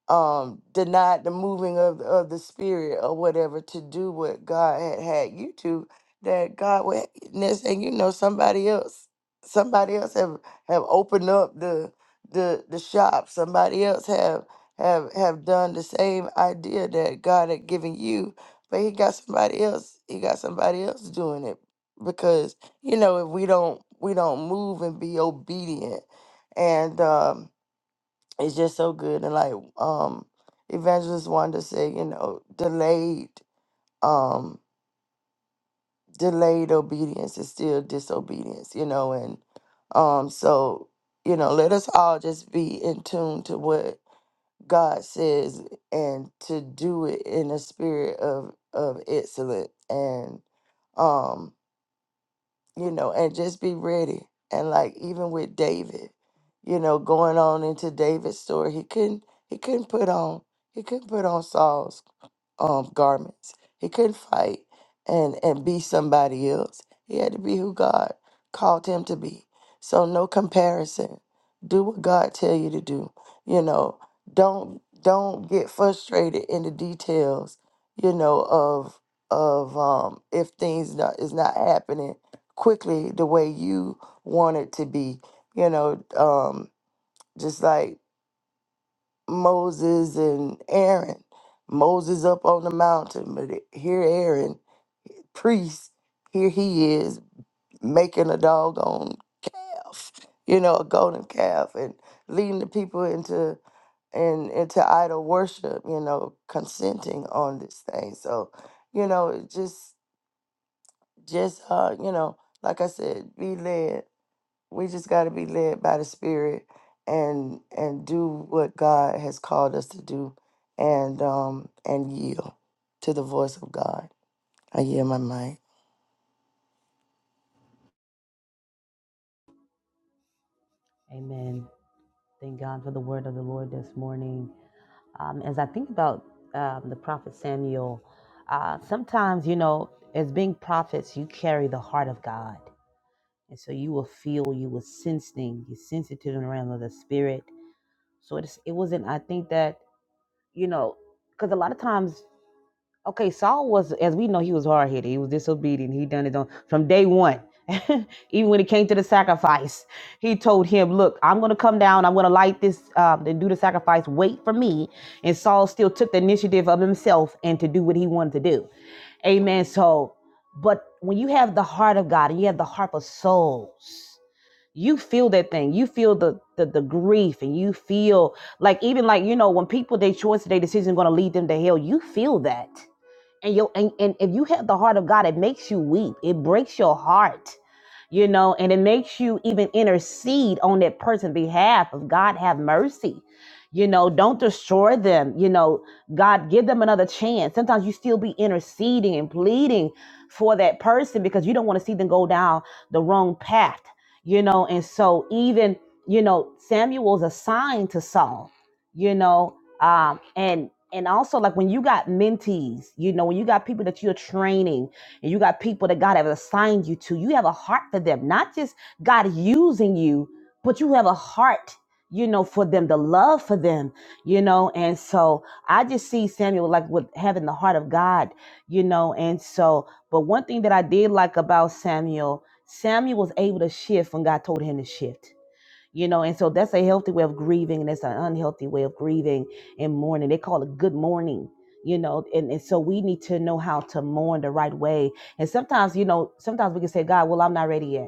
um denied the moving of of the spirit or whatever to do what God had had you to that God would next thing you know somebody else somebody else have have opened up the the the shop somebody else have have have done the same idea that God had given you but he got somebody else he got somebody else doing it because you know if we don't we don't move and be obedient and um, it's just so good and like um evangelist wanda said you know delayed um delayed obedience is still disobedience you know and um so you know let us all just be in tune to what god says and to do it in a spirit of of excellence and um you know, and just be ready. And like even with David, you know, going on into David's story, he couldn't he couldn't put on he couldn't put on Saul's um, garments. He couldn't fight and and be somebody else. He had to be who God called him to be. So no comparison. Do what God tell you to do. You know, don't don't get frustrated in the details. You know of of um if things not, is not happening quickly the way you want it to be. You know, um, just like Moses and Aaron. Moses up on the mountain, but here Aaron, priest, here he is making a doggone calf, you know, a golden calf, and leading the people into and into idol worship, you know, consenting on this thing. So, you know, it just just uh, you know, like I said, be led we just got to be led by the spirit and and do what god has called us to do and um and yield to the voice of god i yield my mic
Amen. Thank God for the word of the Lord this morning. Um, as I think about um, the prophet Samuel, uh, sometimes, you know, as being prophets, you carry the heart of God. And so you will feel, you will sense things, you sense it to the realm of the spirit. So it's, it wasn't, I think that, you know, because a lot of times Okay, Saul was, as we know, he was hard headed. He was disobedient. He done his own from day one. Even when it came to the sacrifice, he told him, "Look, I'm going to come down. I'm going to light this um, and do the sacrifice. Wait for me." And Saul still took the initiative of himself and to do what he wanted to do. Amen. So, but when you have the heart of God and you have the heart of souls, you feel that thing. You feel the the, the grief, and you feel like even like you know when people their choice, their decision going to lead them to hell. You feel that and yo and, and if you have the heart of god it makes you weep it breaks your heart you know and it makes you even intercede on that person's behalf of god have mercy you know don't destroy them you know god give them another chance sometimes you still be interceding and pleading for that person because you don't want to see them go down the wrong path you know and so even you know samuel's assigned to saul you know um and and also like when you got mentees you know when you got people that you're training and you got people that god has assigned you to you have a heart for them not just god using you but you have a heart you know for them the love for them you know and so i just see samuel like with having the heart of god you know and so but one thing that i did like about samuel samuel was able to shift when god told him to shift you know and so that's a healthy way of grieving and it's an unhealthy way of grieving and mourning they call it good mourning you know and, and so we need to know how to mourn the right way and sometimes you know sometimes we can say god well i'm not ready yet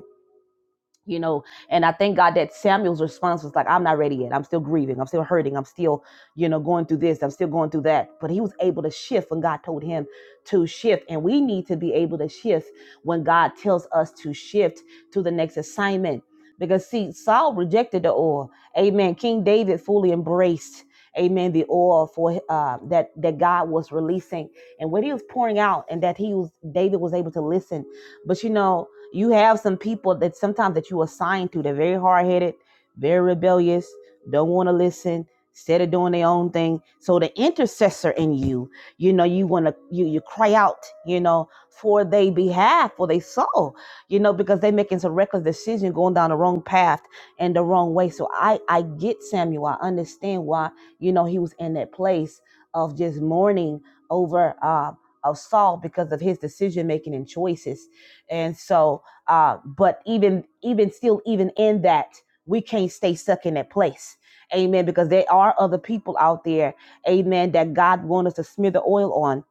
you know and i thank god that samuel's response was like i'm not ready yet i'm still grieving i'm still hurting i'm still you know going through this i'm still going through that but he was able to shift when god told him to shift and we need to be able to shift when god tells us to shift to the next assignment because see saul rejected the oil amen king david fully embraced amen the oil for uh, that that god was releasing and what he was pouring out and that he was david was able to listen but you know you have some people that sometimes that you assign to, they're very hard headed, very rebellious, don't want to listen, instead of doing their own thing. So the intercessor in you, you know, you wanna you you cry out, you know, for their behalf, for their soul, you know, because they're making some reckless decision going down the wrong path and the wrong way. So I I get Samuel. I understand why, you know, he was in that place of just mourning over uh of Saul because of his decision making and choices. And so uh, but even even still, even in that, we can't stay stuck in that place. Amen. Because there are other people out there, amen, that God wants us to smear the oil on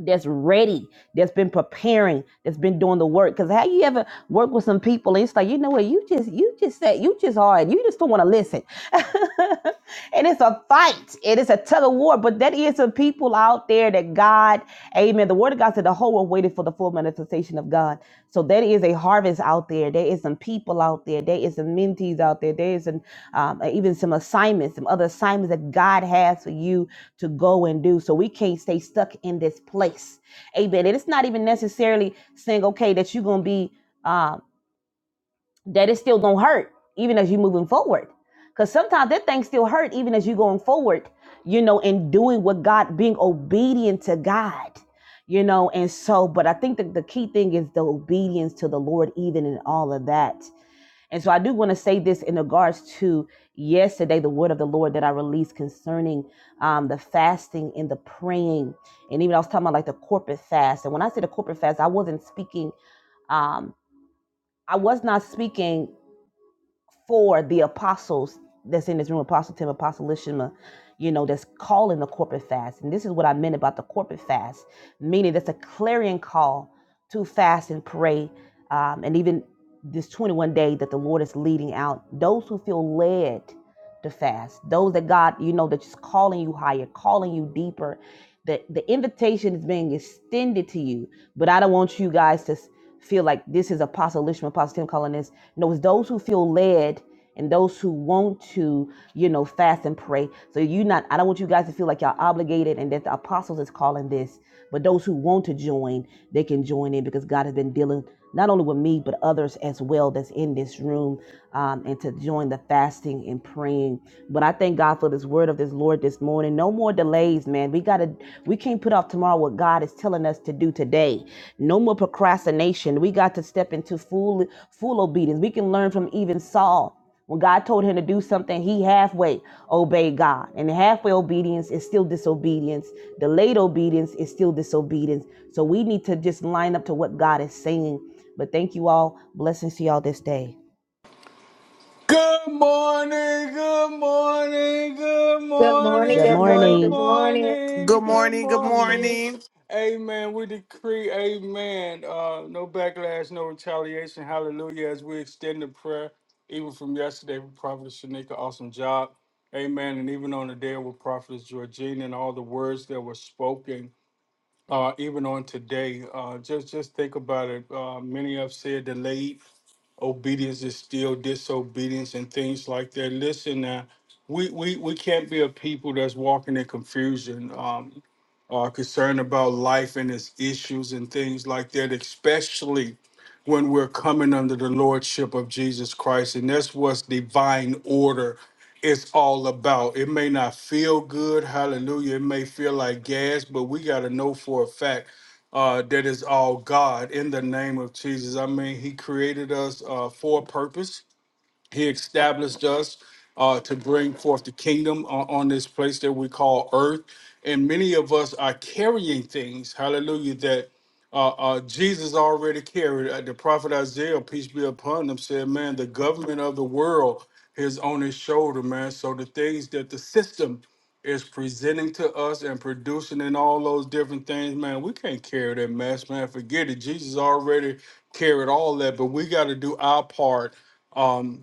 that's ready, that's been preparing, that's been doing the work. Cause how you ever work with some people and it's like, you know what, you just you just said you just hard. You just don't want to listen. and it's a fight. It is a tug of war. But that is some people out there that God, Amen. The word of God said the whole world waited for the full manifestation of God. So there is a harvest out there. There is some people out there. There is some mentees out there. There is an um, even some assignments, some other assignments that God has for you to go and do. So we can't stay stuck in this place. Amen. And it's not even necessarily saying, okay, that you're gonna be uh, that it still gonna hurt even as you're moving forward. Cause sometimes that thing still hurt even as you're going forward, you know, and doing what God, being obedient to God. You know, and so, but I think that the key thing is the obedience to the Lord, even in all of that. And so I do want to say this in regards to yesterday, the word of the Lord that I released concerning um, the fasting and the praying. And even I was talking about like the corporate fast. And when I said the corporate fast, I wasn't speaking, um, I was not speaking for the apostles that's in this room, Apostle Tim, Apostle Lishima, you know, that's calling the corporate fast. And this is what I meant about the corporate fast, meaning that's a clarion call to fast and pray. Um, and even this 21 day that the Lord is leading out, those who feel led to fast, those that God, you know, that's just calling you higher, calling you deeper the the invitation is being extended to you but i don't want you guys to s- feel like this is apostle lishman apostle tim calling this no it's those who feel led and those who want to you know fast and pray so you not i don't want you guys to feel like y'all obligated and that the apostles is calling this but those who want to join they can join in because god has been dealing not only with me but others as well that's in this room um, and to join the fasting and praying. But I thank God for this word of this Lord this morning. No more delays, man. We gotta, we can't put off tomorrow what God is telling us to do today. No more procrastination. We got to step into full, full obedience. We can learn from even Saul. When God told him to do something, he halfway obeyed God. And halfway obedience is still disobedience. Delayed obedience is still disobedience. So we need to just line up to what God is saying. But thank you all. Blessings to y'all this day.
Good morning, good morning, good
Good morning,
Good
good
morning,
morning,
good
good
morning.
morning.
Good
morning, good
morning, good
morning.
morning.
Amen. We decree, amen. Uh, no backlash, no retaliation. Hallelujah. As we extend the prayer, even from yesterday, with Prophet Shanika, awesome job. Amen. And even on the day with Prophetess Georgina and all the words that were spoken, uh, even on today, uh, just just think about it. Uh, many have said delayed obedience is still disobedience and things like that. Listen, now, we, we, we can't be a people that's walking in confusion, um, uh, concerned about life and its issues and things like that, especially when we're coming under the lordship of Jesus Christ. And that's what divine order is all about. It may not feel good, hallelujah. It may feel like gas, but we got to know for a fact uh, that is all God in the name of Jesus. I mean, He created us uh, for a purpose. He established us uh, to bring forth the kingdom on, on this place that we call earth. And many of us are carrying things, hallelujah, that uh, uh, Jesus already carried. Uh, the prophet Isaiah, peace be upon him, said, Man, the government of the world is on his shoulder, man. So the things that the system is presenting to us and producing and all those different things, man, we can't carry that mess, man. Forget it. Jesus already carried all that, but we got to do our part um,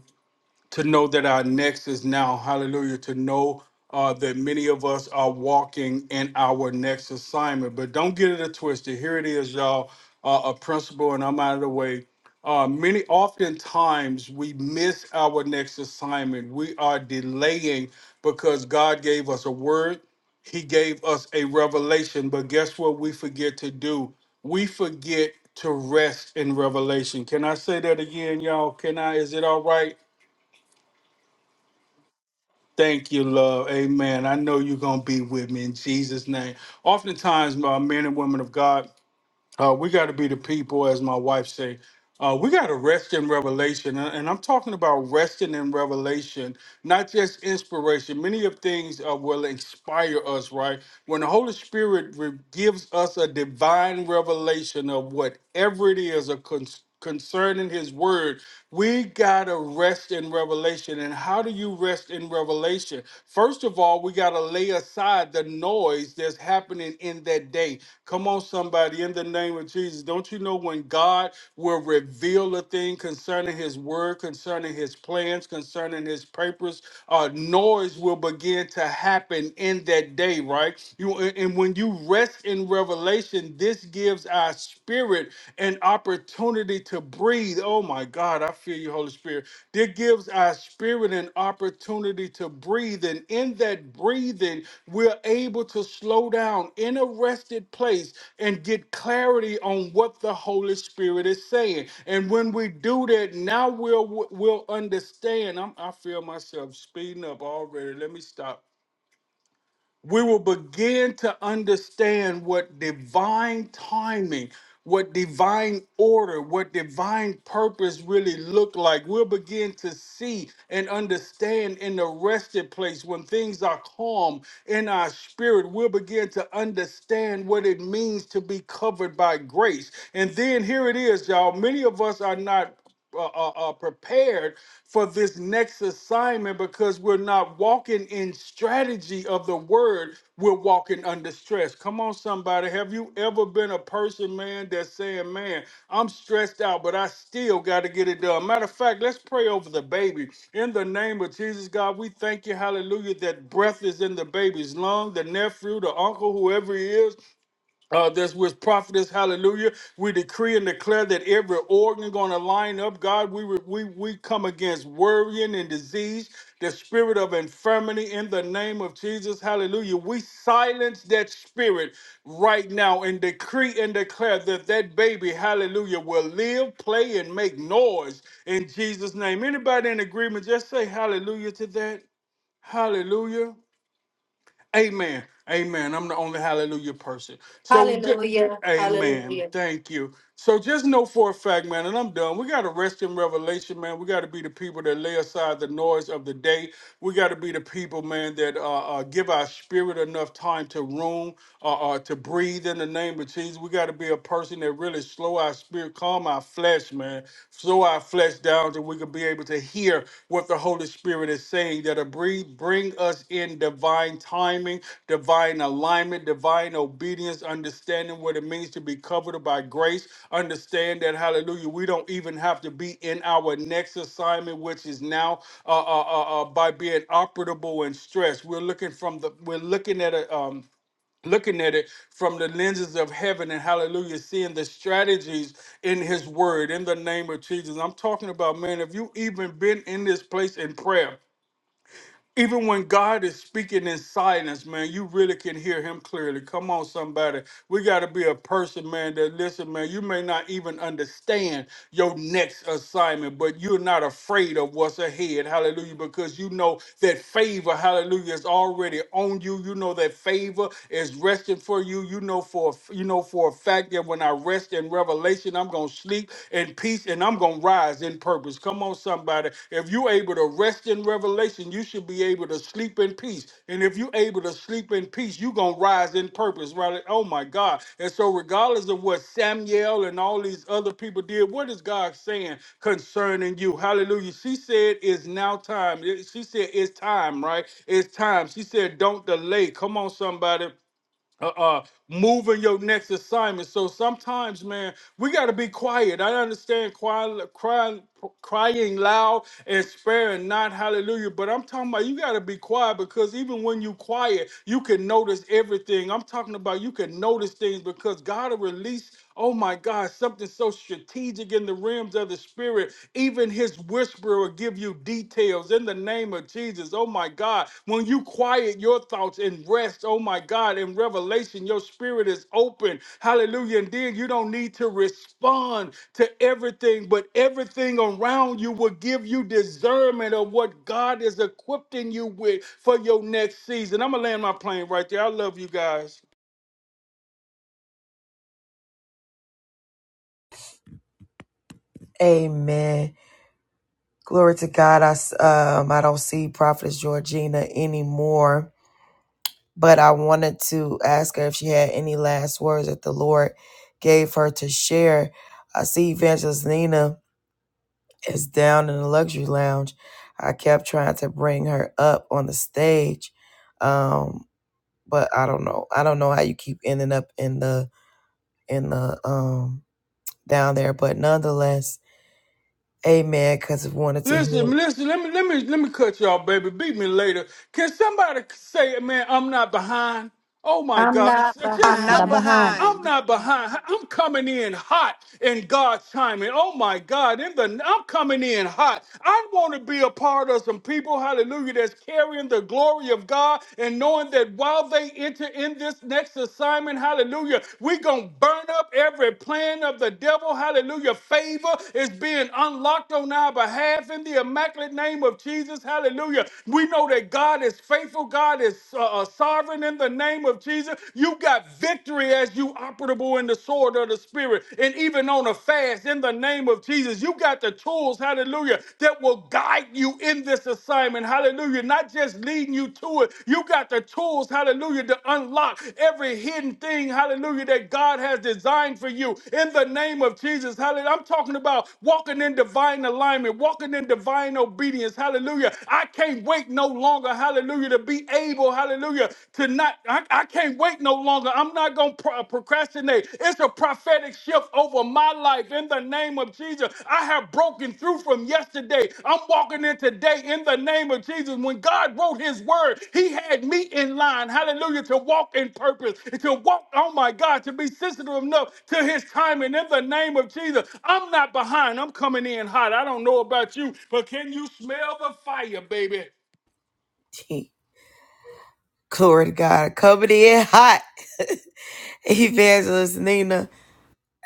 to know that our next is now. Hallelujah. To know uh, that many of us are walking in our next assignment. But don't get it twisted. Here it is, y'all. Uh, a principle, and I'm out of the way. Uh, many oftentimes we miss our next assignment. We are delaying because God gave us a word. He gave us a revelation, but guess what we forget to do? We forget to rest in revelation. Can I say that again, y'all? Can I? Is it all right? Thank you, love. Amen. I know you're going to be with me in Jesus' name. Oftentimes, my men and women of God, uh, we got to be the people, as my wife say. Uh, we got to rest in revelation, and and I'm talking about resting in revelation, not just inspiration. Many of things uh, will inspire us, right? When the Holy Spirit re- gives us a divine revelation of whatever it is a con- concerning His Word, we gotta rest in revelation. And how do you rest in revelation? First of all, we gotta lay aside the noise that's happening in that that day. Come on, somebody, in the name of Jesus. Don't you know when God will reveal a thing concerning his word, concerning his plans, concerning his purpose? Uh, noise will begin to happen in that day, right? You and and when you rest in revelation, this gives our spirit an opportunity to breathe. Oh my my God, I feel you, Holy Spirit. That gives our spirit an opportunity to breathe. And in that breathing, we're able to slow down in a rested place and get clarity on what the Holy Spirit is saying. And when we do that, now we'll we'll understand. I'm, I feel myself speeding up already. Let me stop we will begin to understand what divine timing, what divine order, what divine purpose really look like. We'll begin to see and understand in the rested place when things are calm in our spirit. We'll begin to understand what it means to be covered by grace. And then here it is, y'all. Many of us are not uh, uh, uh, prepared for this next assignment because we're not walking in strategy of the word. We're walking under stress. Come on, somebody. Have you ever been a person, man, that's saying, man, I'm stressed out, but I still got to get it done? Matter of fact, let's pray over the baby. In the name of Jesus, God, we thank you, hallelujah, that breath is in the baby's lung, the nephew, the uncle, whoever he is uh, that's with prophetess hallelujah we decree and declare that every organ going to line up god we, re- we we come against worrying and disease the spirit of infirmity in the name of jesus hallelujah we silence that spirit right now and decree and declare that that baby hallelujah will live play and make noise in jesus name anybody in agreement just say hallelujah to that hallelujah Amen. Amen. I'm the only hallelujah person. So, ju-
Hallelujah.
amen.
Hallelujah.
Thank you. So, just know for a fact, man, and I'm done. We got to rest in revelation, man. We got to be the people that lay aside the noise of the day. We got to be the people, man, that uh, uh, give our spirit enough time to room, uh, uh, to breathe in the name of Jesus. We got to be a person that really slow our spirit, calm our flesh, man, slow our flesh down so we can be able to to hear what the Holy Spirit is saying that'll bring, bring us in divine timing, divine alignment, divine obedience, understanding what it means to be covered by grace. Understand that, hallelujah, we don't even have to be in our next assignment, which is now uh, uh, uh, uh, by being operable and stressed. We're looking from the, we're looking at a, um, looking at it from the lenses of heaven and hallelujah seeing the strategies in his word in the name of jesus i'm talking about man if you even been in this place in prayer even when God is speaking in silence, man, you really can hear him clearly. Come on, somebody. We got to be a person, man, that listen, man, you may not even understand your next assignment, but you're not afraid of what's ahead. Hallelujah. Because you know that favor, hallelujah, is already on you. You know that favor is resting for you. You know for you know for a fact that when I rest in revelation, I'm gonna sleep in peace, and I'm going to rise in purpose. Come on, somebody. If you're able to rest in revelation, you should be able to sleep in peace. And if you're able to sleep in peace, you're going to rise in purpose, right? Oh, my God. And so, regardless of what Samuel and all these other people did, what is God saying concerning you? Hallelujah. She said, It's now time. She said, It's time, right? It's time. She said, Don't delay. Come on, somebody uh, uh moving your next assignment so sometimes man we got to be quiet i understand crying crying crying loud and sparing not hallelujah but i'm talking about you got to be quiet because even when you quiet you can notice everything i'm talking about you can notice things because god will release Oh my God, something so strategic in the realms of the spirit. Even his whisper will give you details in the name of Jesus. Oh my God. When you quiet your thoughts and rest, oh my God, in revelation, your spirit is open. Hallelujah. And then you don't need to respond to everything, but everything around you will give you discernment of what God is equipping you with for your next season. I'm going to land my plane right there. I love you guys.
Amen. Glory to God. I s- um I don't see Prophetess Georgina anymore. but I wanted to ask her if she had any last words that the Lord gave her to share. I see Evangelist Nina is down in the luxury lounge. I kept trying to bring her up on the stage, um, but I don't know. I don't know how you keep ending up in the in the um down there, but nonetheless, Amen. Because I wanted to
Listen,
hear.
listen. Let me let me let me cut y'all, baby. Beat me later. Can somebody say, man, I'm not behind? Oh my
I'm
God!
not
I'm
Just
I'm
not
not
behind.
some.
behind.
I'm
behind.
not behind. I'm coming in hot in God's timing. Oh my God! In the I'm coming in hot. I want to be a part of some people, Hallelujah, that's carrying the glory of God and knowing that while they enter in this next assignment, Hallelujah, we're gonna burn up every plan of the devil, Hallelujah. Favor is being unlocked on our behalf in the immaculate name of Jesus, Hallelujah. We know that God is faithful. God is uh, uh, sovereign in the name of of Jesus, you got victory as you operable in the sword of the Spirit. And even on a fast, in the name of Jesus, you got the tools, hallelujah, that will guide you in this assignment, hallelujah. Not just leading you to it, you got the tools, hallelujah, to unlock every hidden thing, hallelujah, that God has designed for you. In the name of Jesus, hallelujah. I'm talking about walking in divine alignment, walking in divine obedience, hallelujah. I can't wait no longer, hallelujah, to be able able, hallelujah, to not, I, I can't wait no longer. I'm not going to pro- uh, procrastinate. It's a prophetic shift over my life in the name of Jesus. I have broken through from yesterday. I'm walking in today in the name of Jesus. When God wrote his word, he had me in line, hallelujah, to walk in purpose, to walk, oh my God, to be sensitive enough to his timing in the name of Jesus. I'm not behind. I'm coming in hot. I don't know about you, but can you smell the fire, baby?
Glory to God, coming in hot, Evangelist Nina.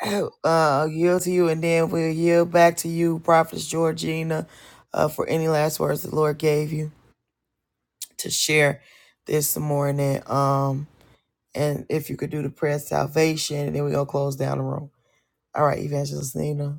uh, yield to you, and then we'll yield back to you, Prophetess Georgina, uh, for any last words the Lord gave you to share this morning. Um, and if you could do the prayer of salvation, and then we're gonna close down the room. All right, Evangelist Nina.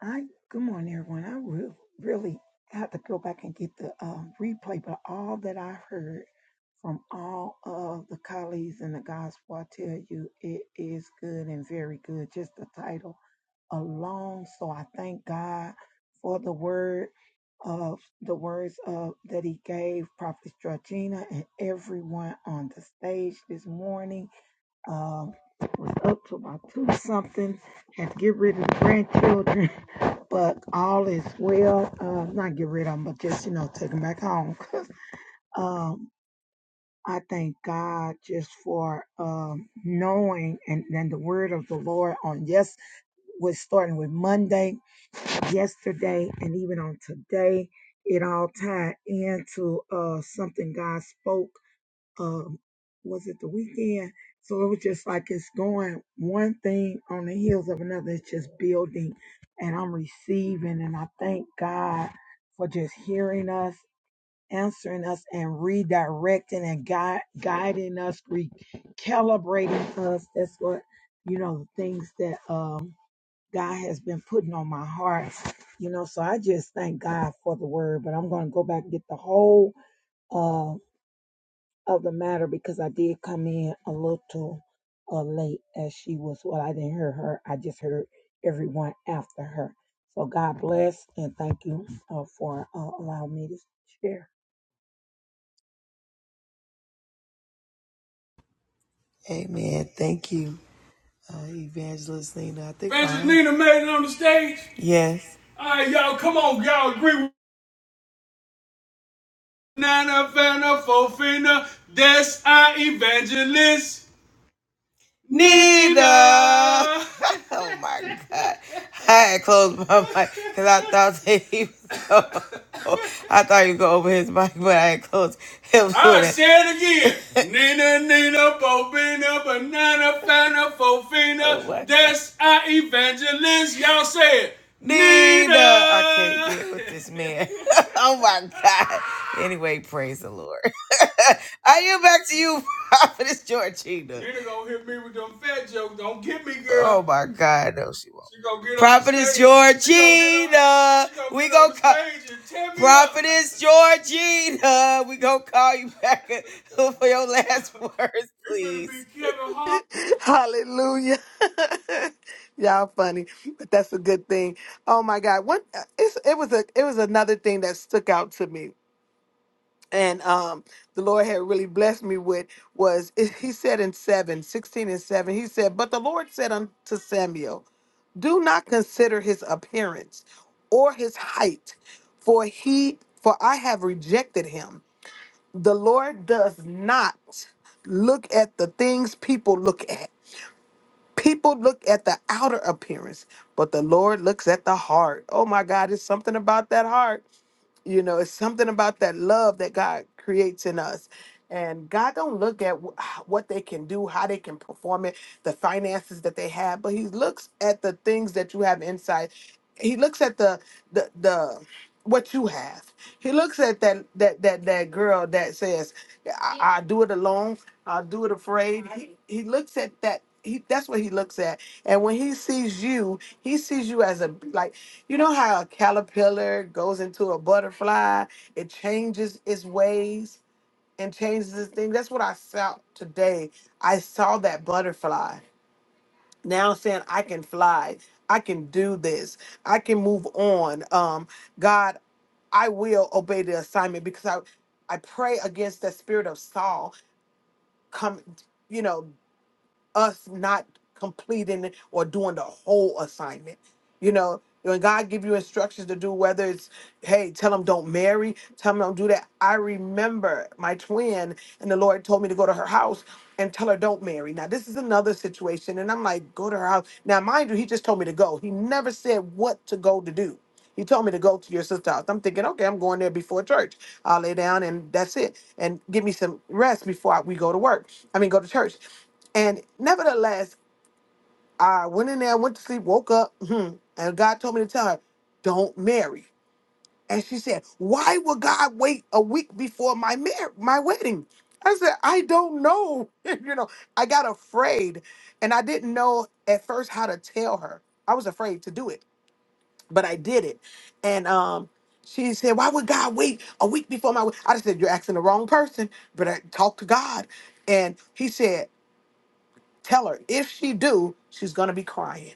I good morning, everyone. I will really have to go back and get the um, replay, but all that i heard from all of the colleagues in the gospel, I tell you, it is good and very good. Just the title alone. So I thank God for the word of the words of that He gave Prophet Georgina and everyone on the stage this morning. Um, was up to about two something. Had to get rid of the grandchildren. but all is well. Uh, not get rid of them, but just you know, take them back home. um, I thank God just for um, knowing and then the word of the Lord on yes was starting with Monday, yesterday, and even on today. It all tied into uh, something God spoke um was it the weekend so it was just like it's going one thing on the heels of another it's just building and i'm receiving and i thank god for just hearing us answering us and redirecting and gui- guiding us recalibrating us that's what you know the things that um god has been putting on my heart you know so i just thank god for the word but i'm going to go back and get the whole uh, of the matter because I did come in a little uh, late as she was. Well, I didn't hear her. I just heard everyone after her. So God bless and thank you uh, for uh, allowing me to share.
Amen. Thank you, uh, Evangelist Nina. I think I- Nina made it on the stage. Yes. All right, y'all, come on, y'all agree with Nana Fana Fofina. That's our evangelist. Nina. oh my God. I had closed my mic because I thought that he was going, I thought he was going over his mic, but I had closed him I'll with say it again. it. Nina, Nina, Bobina, Banana, Fana, Oh Fofina. my God. That's our evangelist. Y'all say it. Nina. I can't get with this man. oh my God. Anyway, praise the Lord. Are you back to you, Prophetess Georgina? Nina gonna hit me with them fat jokes. Don't get me, girl. Oh my God, no, she won't. She gonna get Prophetess Georgina. we gonna call Prophetess Georgina. We gonna call you back for your last words, please.
Hallelujah. Y'all funny, but that's a good thing. Oh my God. One it's, it was a it was another thing that stuck out to me. and um the lord had really blessed me with was it- he said in 7, 16, and 7 he said but the lord said unto samuel do not consider his appearance or his height for he for i have rejected him the lord does not look at the things people look at people look at the outer appearance but the lord looks at the heart oh my god it's something about that heart you know, it's something about that love that God creates in us. And God don't look at wh- what they can do, how they can perform it, the finances that they have, but He looks at the things that you have inside. He looks at the the the what you have. He looks at that that that that girl that says, I, "I do it alone. I do it afraid." He he looks at that. He that's what he looks at. And when he sees you, he sees you as a like you know how a caterpillar goes into a butterfly, it changes its ways and changes its thing. That's what I saw today. I saw that butterfly now saying, I can fly, I can do this, I can move on. Um, God, I will obey the assignment because I, I pray against the spirit of Saul come, you know us not completing or doing the whole assignment. You know, when God give you instructions to do, whether it's, hey, tell them don't marry, tell them don't do that. I remember my twin and the Lord told me to go to her house and tell her don't marry. Now this is another situation, and I'm like, go to her house. Now mind you, he just told me to go. He never said what to go to do. He told me to go to your sister's house. I'm thinking, okay, I'm going there before church. I'll lay down and that's it, and give me some rest before I, we go to work. I mean, go to church. And nevertheless, I went in there, went to sleep, woke up, hmm, and God told me to tell her, don't marry. And she said, why would God wait a week before my mar- my wedding? I said, I don't know. you know, I got afraid and I didn't know at first how to tell her. I was afraid to do it, but I did it. And um, she said, why would God wait a week before my wedding? I said, you're asking the wrong person, but I talked to God. And he said, Tell her if she do, she's gonna be crying.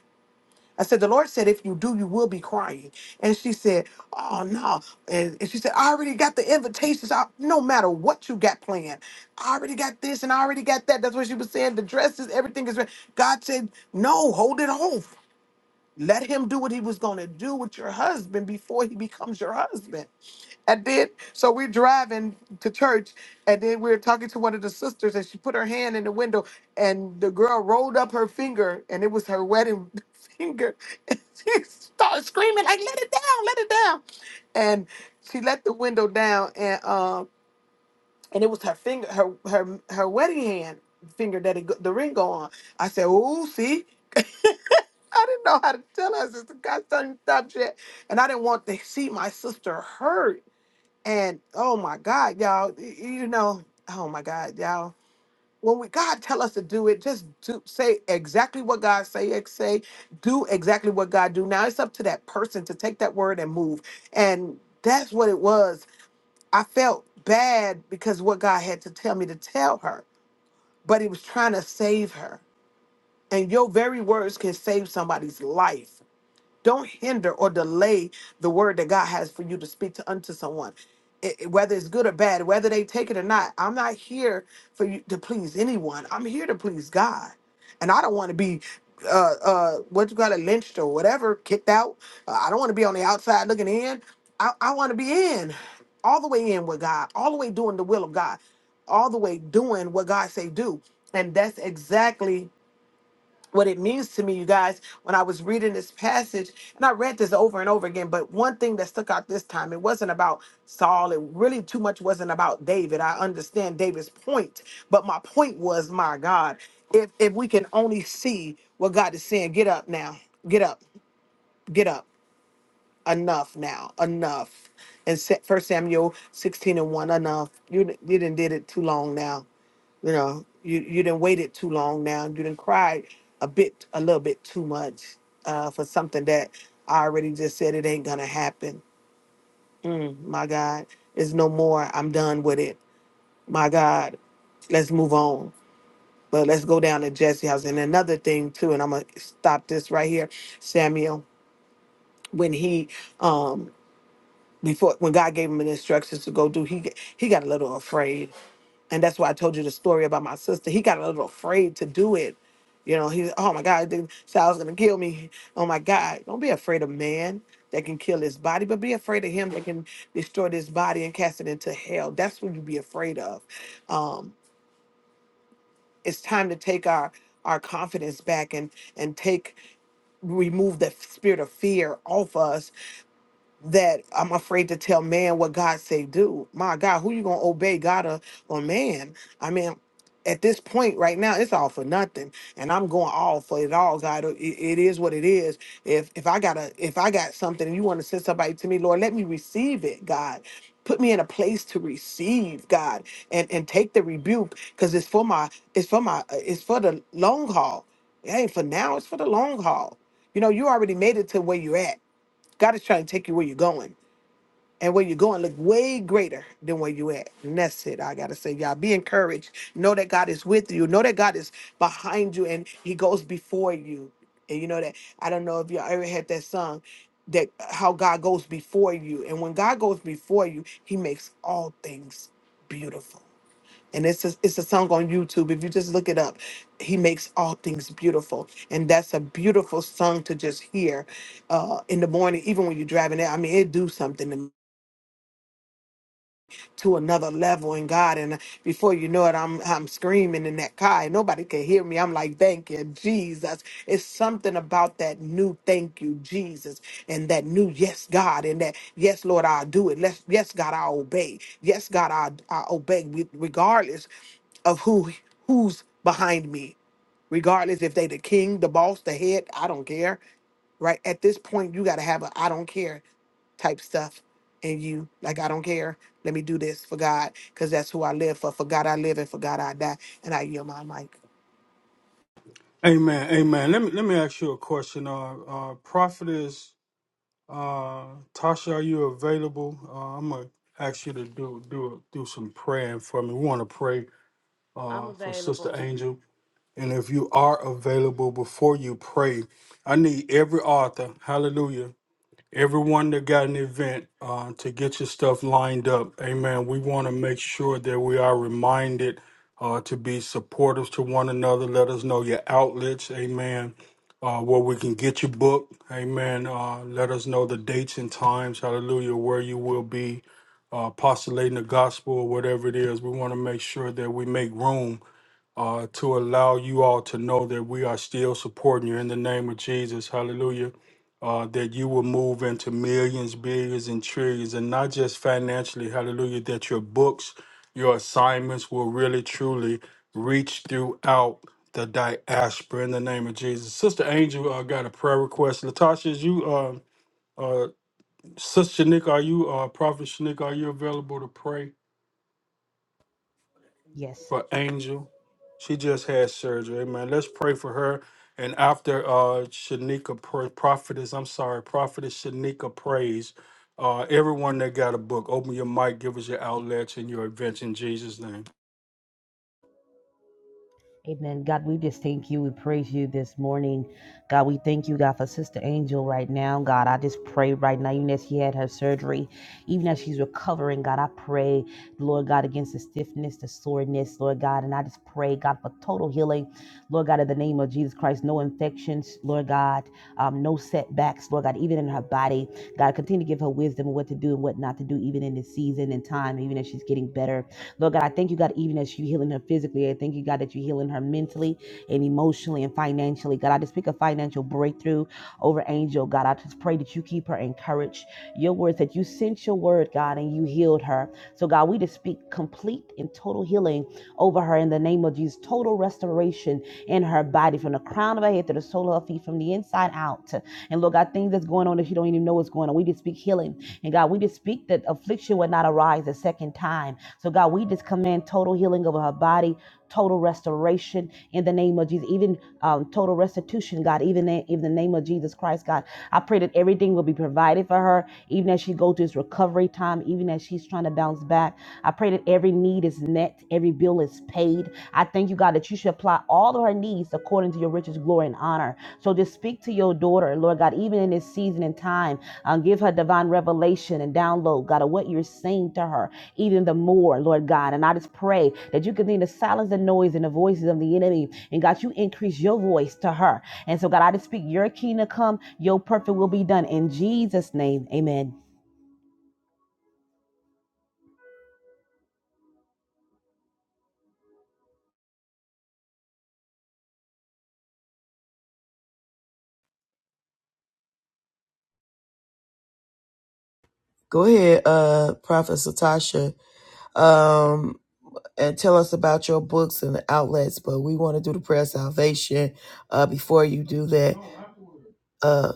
I said, the Lord said, if you do, you will be crying. And she said, oh no. And, and she said, I already got the invitations. I, no matter what you got planned, I already got this and I already got that. That's what she was saying. The dresses, everything is ready. God said, no, hold it on. Let him do what he was going to do with your husband before he becomes your husband. And then, so we're driving to church, and then we're talking to one of the sisters, and she put her hand in the window, and the girl rolled up her finger, and it was her wedding finger. And she started screaming, like, let it down, let it down. And she let the window down, and um, and it was her finger, her her her wedding hand finger that it, go- the ring go on. I said, oh, see. I didn't know how to tell her sister. God started to stop yet. And I didn't want to see my sister hurt. And oh my God, y'all, y- you know, oh my God, y'all. When we God tell us to do it, just do say exactly what God say, ex- say, do exactly what God do. Now it's up to that person to take that word and move. And that's what it was. I felt bad because what God had to tell me to tell her, but he was trying to save her. And your very words can save somebody's life don't hinder or delay the word that God has for you to speak to unto someone. It- it- whether it's good or bad, whether they take it or not, I'm not here for you to please anyone. I'm here to please God, and I don't want to be uh uh what you got it lynched or whatever, kicked out. Uh, I don't want to be on the outside looking in. I, I want to be in, all the way in with God, all the way doing the will of God, all the way doing what God say do, and that's exactly what it means to me, you guys, when I was reading this passage, and I read this over and over again, but one thing that stuck out this time, it wasn't about Saul. It really too much wasn't about David. I understand David's point, but my point was, my God, if if we can only see what God is saying, get up now, get up, get up, enough now, enough. And First Samuel 16 and 1, enough. You, you didn't did it too long now you know, you you didn't waited too long now. You didn't cry a bit, a little bit too much uh, for something that I already just said it ain't gonna happen. Mm, my God, it's no more. I'm done with it. My God, let's move on. But let's go down to Jesse's house. And another thing too, and I'm gonna stop this right here, Samuel. When he um before when God gave him the instructions to go do, he he got a little afraid And that's why I told you the story about my sister. He got a little afraid to do it. You know, he oh my God, the child's gonna kill me. Oh my God. Don't be afraid of man that can kill his body, but be afraid of him that can destroy this body and cast it into hell. That's what you be afraid of. Um, it's time to take our our confidence back and and take remove the spirit of fear off us that I'm afraid to tell man what God say do. My God, who you gonna obey, God or, or man? I mean, at this point right now, it's all for nothing, and I'm going all for it all, God. It, it is what it is. If if I gotta, if I got something, and you want to send somebody to me, Lord, let me receive it, God. Put me in a place to receive God and and take the rebuke, cause it's for my, it's for my, uh, it's for the long haul. It ain't for now. It's for the long haul. You know, you already made it to where you're at God is trying to take you where you're going. And where you're going look way greater than where you at. And that's it. I gotta say, y'all be encouraged. Know that God is with you. Know that God is behind you and He goes before you. And you know that I don't know if y'all ever had that song that uh, how God goes before you. And when God goes before you, He makes all things beautiful and it's a, it's a song on YouTube. If you just look it up, he makes all things beautiful, and that's a beautiful song to just hear uh, in the morning, even when you're driving. It. I mean, it do something. to to another level in God. And before you know it, I'm I'm screaming in that car. and Nobody can hear me. I'm like, thank you, Jesus. It's something about that new thank you, Jesus, and that new yes, God, and that yes, Lord, I'll do it. Let's, yes, God, I'll obey. Yes, God, I'll, I'll obey with- regardless of who who's behind me. Regardless if they the king, the boss, the head, I don't care right? At this point, you got to have a I don't care type stuff in you. Like, I don't care. Let me do this for God because that's who I live for. For God I live and for God I die. And I yield my mic.
Amen. Amen. Let me let me ask you a question. Uh, uh prophetess uh Tasha, are you available? Uh, I'm gonna ask you to do do do some praying for me. We want to pray
i'm
uh for Sister
available
Angel. And if you are available before you pray, I need every author, hallelujah, everyone that got an event uh, to get your stuff lined up. Amen. We want to make sure that we are reminded uh, to be supporters to one another. Let us know your outlets. Amen. Uh, where we can get your book. Amen. Uh, let us know the dates and times. Hallelujah. Where you will be uh, postulating the gospel or whatever it is. We want to make sure that we make room uh, to allow you all to know that we are still supporting you in the name of Jesus. Hallelujah. Uh, that you will move into millions, billions, and trillions, and not just financially. Hallelujah. That your books, your assignments will really, truly reach throughout the diaspora in the name of Jesus. Sister Angel uh, got a prayer request. Latasha, is you, uh, uh, Sister Shanika, are you, uh, Prophet Shanika, are you available to pray?
Yes.
for Angel. She just had surgery. Amen. Let's pray for her. And after uh Shanika pr- prophetess, I'm sorry, prophetess Shanika prays. Uh everyone that got a book, open your mic, give us your outlets and your events in Jesus' name.
Amen. God, we just thank you. We praise you this morning. God, we thank you, God, for Sister Angel right now. God, I just pray right now, even as she had her surgery, even as she's recovering, God, I pray, Lord God, against the stiffness, the soreness, Lord God. And I just pray, God, for total healing. Lord God, in the name of Jesus Christ, no infections, Lord God, um, no setbacks, Lord God, even in her body. God, continue to give her wisdom of what to do and what not to do, even in this season and time, even as she's getting better. Lord God, I thank you, God, even as you healing her physically. I thank you, God, that you're healing her mentally and emotionally and financially. God, I just speak a financial breakthrough over Angel. God, I just pray that you keep her encouraged. Your words that you sent your word, God, and you healed her. So, God, we just speak complete and total healing over her in the name of Jesus. Total restoration in her body from the crown of her head to the sole of her feet, from the inside out. And Lord God, things that's going on that she don't even know what's going on. We just speak healing. And God, we just speak that affliction would not arise a second time so, God, we just command total healing over her body, total restoration in the name of Jesus, even um, total restitution, God, even in, in the name of Jesus Christ, God. I pray that everything will be provided for her, even as she goes through this recovery time, even as she's trying to bounce back. I pray that every need is met, every bill is paid. I thank you, God, that you should apply all of her needs according to your riches, glory, and honor. So just speak to your daughter, Lord God, even in this season and time. Um, give her divine revelation and download, God, of what you're saying to her even the more, Lord God. And I just pray that you continue to silence the noise and the voices of the enemy. And God, you increase your voice to her. And so, God, I just speak your kingdom come, your perfect will be done. In Jesus' name, amen.
Go ahead, uh, Prophet Satasha. Um and tell us about your books and the outlets, but we want to do the prayer of salvation uh, before you do that. Uh,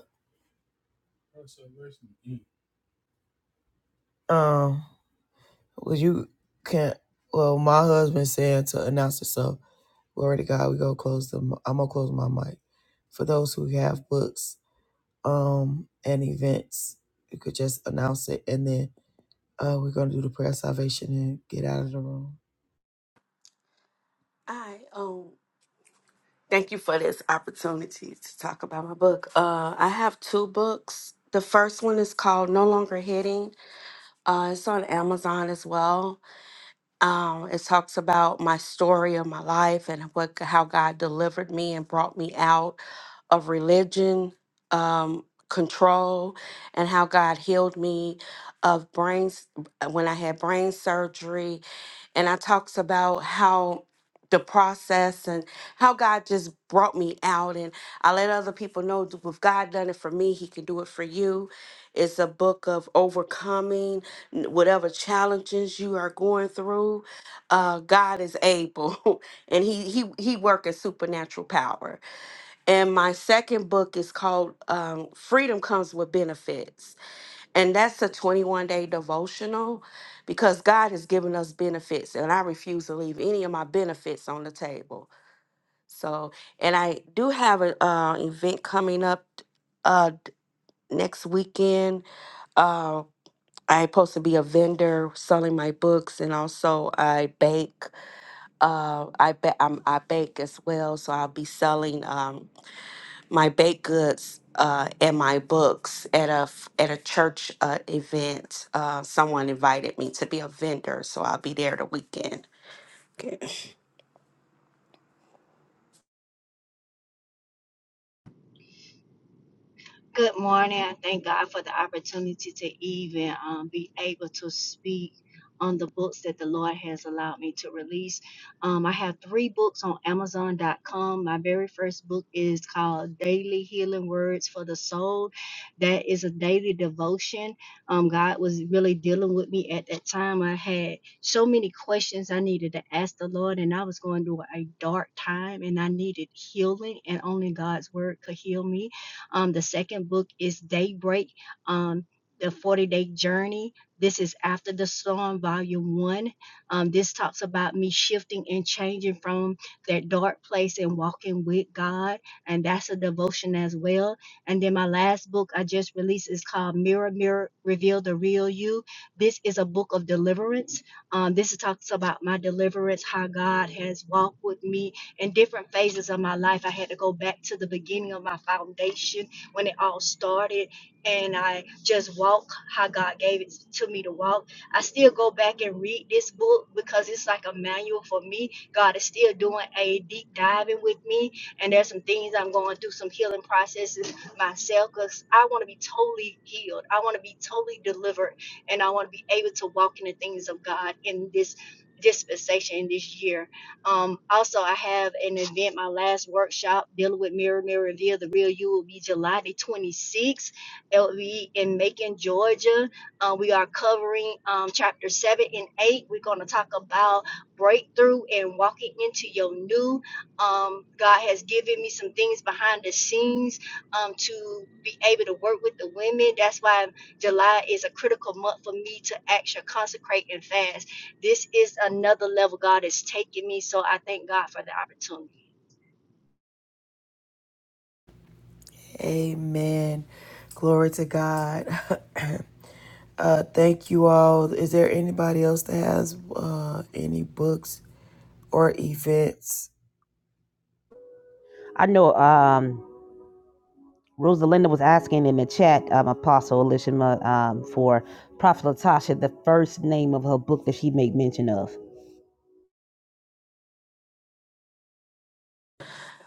um, well, you can't. Well, my husband said to announce it, so glory to God. We go close the. I'm gonna close my mic for those who have books, um, and events. You could just announce it, and then uh, we're gonna do the prayer of salvation and get out of the room.
i own Thank you for this opportunity to talk about my book. Uh, I have two books. The first one is called No Longer Hitting. Uh, it's on Amazon as well. Um, it talks about my story of my life and what how God delivered me and brought me out of religion, um, control, and how God healed me of brains when I had brain surgery. And I talks about how the process and how God just brought me out. And I let other people know that if God done it for me, He can do it for you. It's a book of overcoming n- whatever challenges you are going through. Uh, God is able, and He He He works supernatural power. And my second book is called um, "Freedom Comes with Benefits," and that's a 21 day devotional because God has given us benefits, and I refuse to leave any of my benefits on the table. So, and I do have an uh, event coming up uh, next weekend. uh, I supposed to be a vendor selling my books, and also I bake. Uh, I ba- I'm, I bake as well, so I'll be selling um, my baked goods uh, and my books at a f- at a church uh, event. Uh, someone invited me to be a vendor, so I'll be there the weekend. Okay.
Good morning. I thank God for the opportunity to even um, be able to speak on the books that the Lord has allowed me to release. Um, I have three books on Amazon.com. My very first book is called Daily Healing Words for the Soul. That is a daily devotion. Um, God was really dealing with me at that time. I had so many questions I needed to ask the Lord, and I was going through a dark time, and I needed healing, and only God's Word could heal me. Um, the second book is Daybreak, um, The 40 Day Journey. This is After the Storm, Volume 1. Um, this talks about me shifting and changing from that dark place and walking with God. And that's a devotion as well. And then my last book I just released is called Mirror, Mirror, Reveal the Real You. This is a book of deliverance. Um, this talks about my deliverance, how God has walked with me in different phases of my life. I had to go back to the beginning of my foundation when it all started, and I just walk how God gave it to me to walk. I still go back and read this book because it's like a manual for me. God is still doing a deep diving with me, and there's some things I'm going through, some healing processes myself because I want to be totally healed. I want to be totally delivered, and I want to be able to walk in the things of God in this dispensation in this year. Um, also, I have an event, my last workshop dealing with Mirror, Mirror, Reveal the Real You will be July the 26th. It will be in Macon, Georgia. Uh, we are covering um, chapter 7 and 8. We're going to talk about breakthrough and walking into your new. Um, God has given me some things behind the scenes um, to be able to work with the women. That's why July is a critical month for me to actually consecrate and fast this is another level God is taking me. So I thank God for the opportunity.
Amen. Glory to God. uh, thank you all. Is there anybody else that has uh, any books or events?
I know um, Rosalinda was asking in the chat, um, Apostle Elishama, um, for Prophet Latasha, the first name of her book that she made mention of.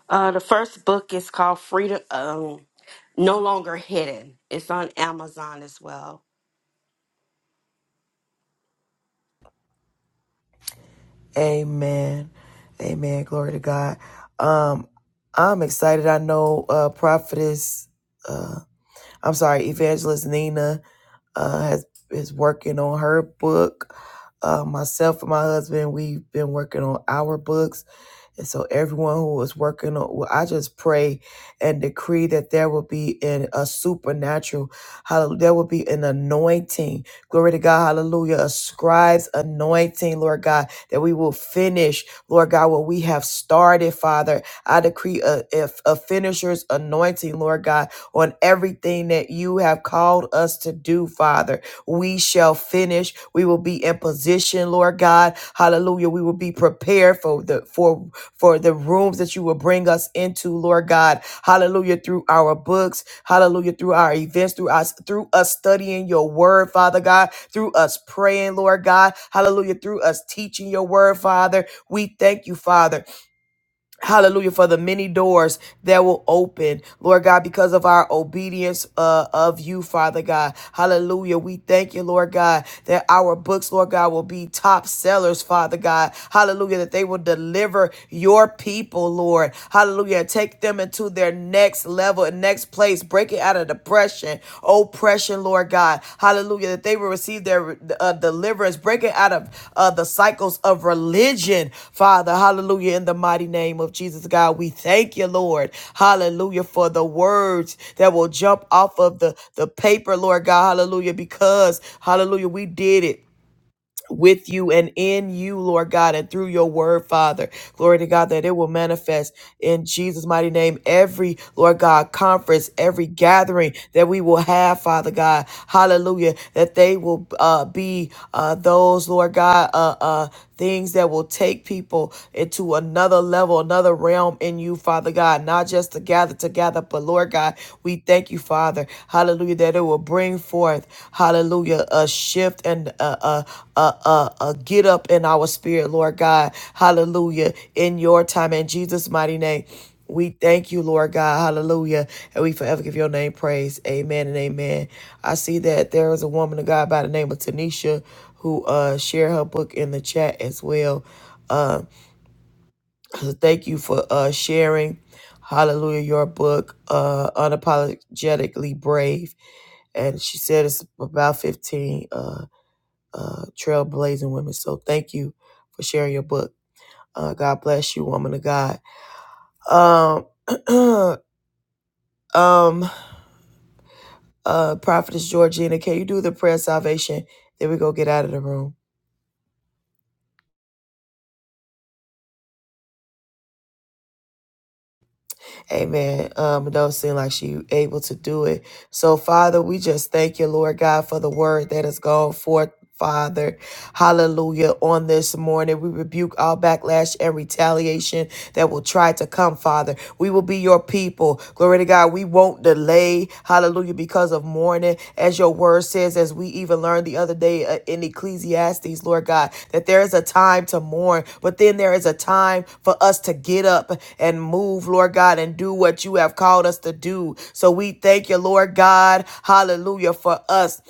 Uh, the first book is called Freedom. Um, no longer hidden. It's on Amazon as well.
Amen. Amen. Glory to God. Um, I'm excited. I know uh, Prophetess. uh, I'm sorry, Evangelist Nina uh, has is working on her book. Uh, myself and my husband, we've been working on our books and so everyone who is working on, well, I just pray and decree that there will be in a supernatural, hallelujah, there will be an anointing. Glory to God, hallelujah, a scribe's anointing, Lord God, that we will finish, Lord God, what we have started, Father. I decree a, a, a finisher's anointing, Lord God, on everything that you have called us to do, Father. We shall finish. We will be in position, Lord God. Hallelujah. We will be prepared for the for for the rooms that you will bring us into, Lord God. Hallelujah. Through our books, hallelujah, through our events, through us, through us studying your word, Father God, through us praying, Lord God, hallelujah, through us teaching your word, Father. We thank you, Father. Hallelujah for the many doors that will open, Lord God, because of our obedience uh, of you, Father God. Hallelujah. We thank you, Lord God, that our books, Lord God, will be top sellers, Father God. Hallelujah, that they will deliver your people, Lord. Hallelujah. Take them into their next level and next place, breaking out of depression oppression, Lord God. Hallelujah. That they will receive their uh, deliverance, breaking out of uh, the cycles of religion, Father. Hallelujah. In the mighty name of Jesus, God, we thank you, Lord. Hallelujah. For the words that will jump off of the, the paper, Lord God. Hallelujah. Because, hallelujah, we did it with you and in you, Lord God, and through your word, Father. Glory to God that it will manifest in Jesus' mighty name. Every, Lord God, conference, every gathering that we will have, Father God, hallelujah, that they will uh, be uh, those, Lord God, uh, uh, things that will take people into another level, another realm in you, Father God, not just to gather together, but Lord God. God. We thank you, Father. Hallelujah. That it will bring forth, hallelujah, a shift and a, a, a, a, a get up in our spirit, Lord God. Hallelujah. In your time, in Jesus' mighty name. We thank you, Lord God. Hallelujah. And we forever give your name praise. Amen and amen. I see that there is a woman of God by the name of Tanisha who uh shared her book in the chat as well Um, so Thank you for uh, sharing, hallelujah, your book, uh, Unapologetically Brave. And she said it's about 15 uh, uh, trailblazing women. So thank you for sharing your book. Uh, God bless you, woman of God. Um, um, uh, Prophetess Georgina, can you do the prayer of salvation? Then we go get out of the room. Amen. Um, it don't seem like she able to do it. So, Father, we just thank you, Lord God, for the word that has gone forth. Father, hallelujah. On this morning, we rebuke all backlash and retaliation that will try to come, Father. We will be your people. Glory to God. We won't delay. Hallelujah. Because of mourning, as your word says, as we even learned the other day uh, in Ecclesiastes, Lord God, that there is a time to mourn, but then there is a time for us to get up and move, Lord God, and do what you have called us to do. So we thank you, Lord God. Hallelujah. For us.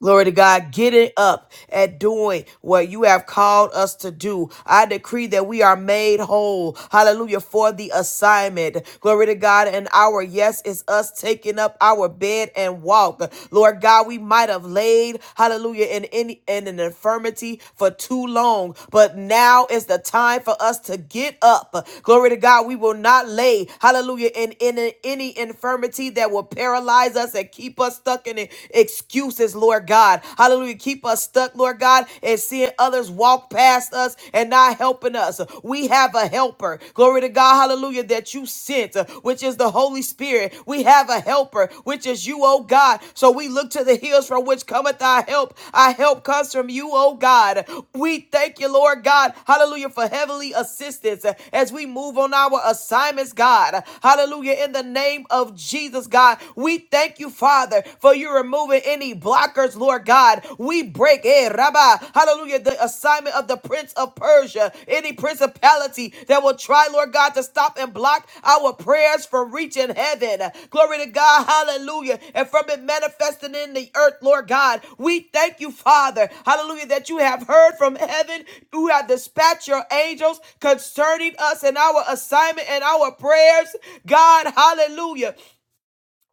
Glory to God. Get it up at doing what you have called us to do. I decree that we are made whole. Hallelujah. For the assignment. Glory to God. And our yes is us taking up our bed and walk. Lord God, we might have laid, hallelujah, in any in an infirmity for too long. But now is the time for us to get up. Glory to God. We will not lay, hallelujah, in, in in any infirmity that will paralyze us and keep us stuck in it learning excuses, Lord God. Hallelujah. Keep us stuck, Lord God, and seeing others walk past us and not helping us. We have a helper. Glory to God. Hallelujah. That you sent, uh, which is the Holy Spirit. We have a helper, which is you, oh God. So we look to the hills from which cometh our help. Our help comes from you, oh God. We thank you, Lord God. Hallelujah. For heavenly assistance uh, as we move on our assignments, God. Hallelujah. In the name of Jesus, God, we thank thank you, Father, for you removing any blockers, Lord God. We break, eh, Rabbi, hallelujah, the assignment of the Prince of Persia, any principality that will try, Lord God, to stop and block our prayers from reaching heaven. Glory to God, hallelujah, and from it manifesting in the earth, Lord God. We thank you, Father, hallelujah, that you have heard from heaven, you have dispatched your angels concerning us and our assignment and our prayers, God, hallelujah.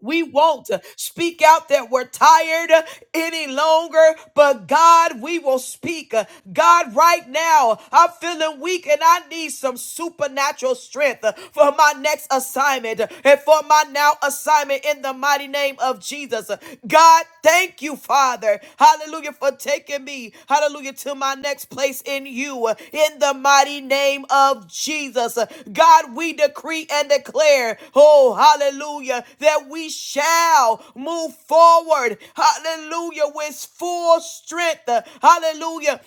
We won't speak out that we're tired any longer, but God, we will speak. God, right now, I'm feeling weak and I need some supernatural strength for my next assignment and for my now assignment in the mighty name of Jesus. God, thank you Father. Hallelujah, for taking me, hallelujah, to my next place in you. In the mighty name of Jesus, God, we decree and declare, oh, hallelujah, that we shall move forward, hallelujah, with full strength, hallelujah,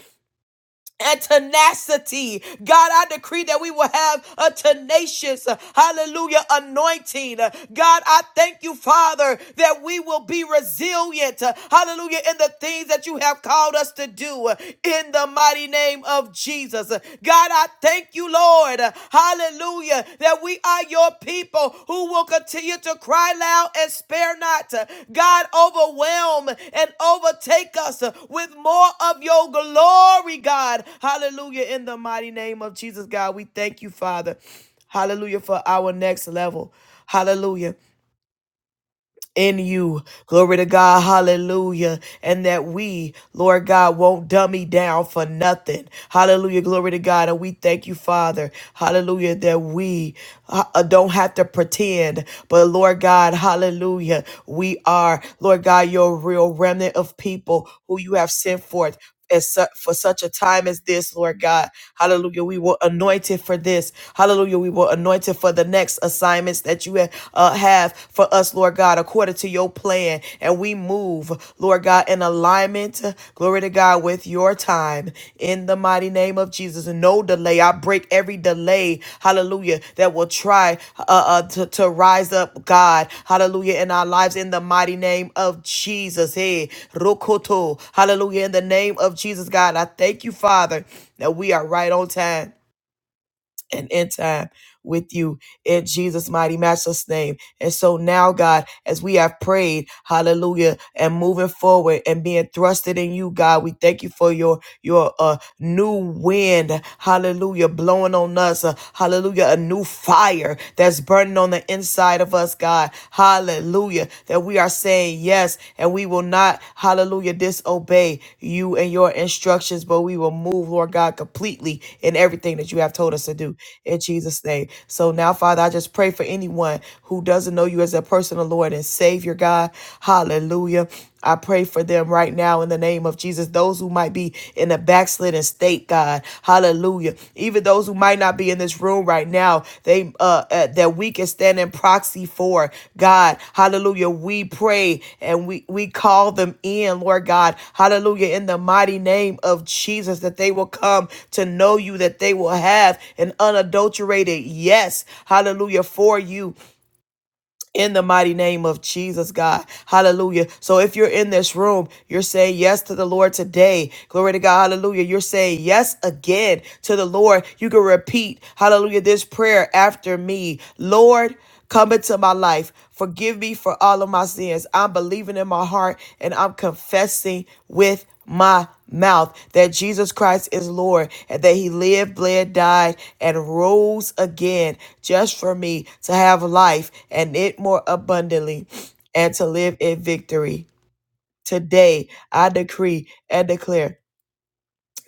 and tenacity. God, I decree that we will have a tenacious, uh, hallelujah, anointing. Uh, God, I thank you, Father, that we will be resilient, uh, hallelujah, in the things that you have called us to do uh, in the mighty name of Jesus. Uh, God, I thank you, Lord, uh, hallelujah Hallelujah. That we are your people who will continue to cry loud and spare not. God, overwhelm and overtake us with more of your glory, God. Hallelujah. In the mighty name of Jesus, God, we thank you, Father. Hallelujah for our next level. Hallelujah in you. Glory to God. Hallelujah. And that we, Lord God, won't dummy down for nothing. Hallelujah. Glory to God. And we thank you, Father. Hallelujah. That we uh, don't have to pretend, but Lord God, hallelujah. We are, Lord God, your real remnant of people who you have sent forth as su- for such a time as this, Lord God. Hallelujah. We were anointed for this. Hallelujah. We were anointed for the next assignments that you ha- uh, have for us, Lord God, according to your plan. And we move, Lord God, in alignment, glory to God, with your time in the mighty name of Jesus. And no delay. I break every delay, hallelujah, that will try uh, uh, to, to rise up, God, hallelujah, in our lives in the mighty name of Jesus. Hey, Rokoto, hallelujah, in the name of Jesus, God. I thank you, Father, that we are right on time and in time with you in Jesus' mighty matchless name. And so now, God, as we have prayed, hallelujah, and moving forward and being thrusted in you, God, we thank you for your your uh new wind, hallelujah, blowing on us, uh, hallelujah, a new fire that's burning on the inside of us, God, hallelujah, that we are saying yes and we will not, hallelujah, disobey you and your instructions, but we will move, Lord God, completely in everything that you have told us to do in Jesus' name. So now, Father, I just pray for anyone who doesn't know you as a personal Lord and Savior, God, hallelujah. I pray for them right now in the name of Jesus. Those who might be in a backslidden state, God, Hallelujah. Even those who might not be in this room right now, they uh, uh that we can stand in proxy for God, Hallelujah. We pray and we we call them in, Lord God, Hallelujah. In the mighty name of Jesus, that they will come to know you, that they will have an unadulterated yes, Hallelujah, for you in the mighty name of Jesus, God. Hallelujah. So if you're in this room, you're saying yes to the Lord today. Glory to God. Hallelujah. You're saying yes again to the Lord. You can repeat, hallelujah, this prayer after me. Lord, come into my life. Forgive me for all of my my sins. I'm believing in my heart and I'm confessing with my mouth that Jesus Christ is Lord and that he lived, bled, died, and rose again just for me to have life and it more abundantly and to live in victory. Today, I decree and declare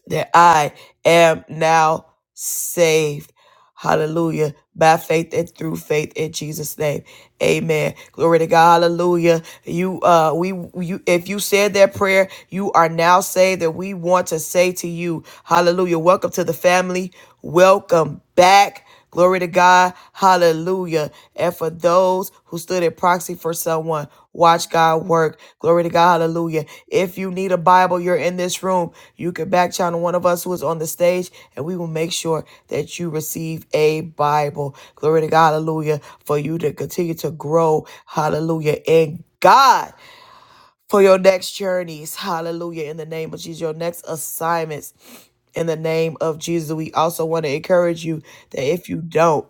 that I am now saved. Hallelujah. By faith and through faith in Jesus' name. Amen. Glory to God. Hallelujah. You uh we you if you said that prayer, you are now saved. That we want to say to you, Hallelujah. Welcome to the family. Welcome back. Glory to God. Hallelujah. And for those who stood in proxy for someone, watch God work. Glory to God. Hallelujah. If you need a Bible, you're in this room. You can back channel one of us who is on the stage, and we will make sure that you receive a Bible. Glory to God. Hallelujah. For you to continue to grow. Hallelujah. In God for your next journeys. Hallelujah. In the name of Jesus, your next assignments. In the name of Jesus, we also want to encourage you that if you don't,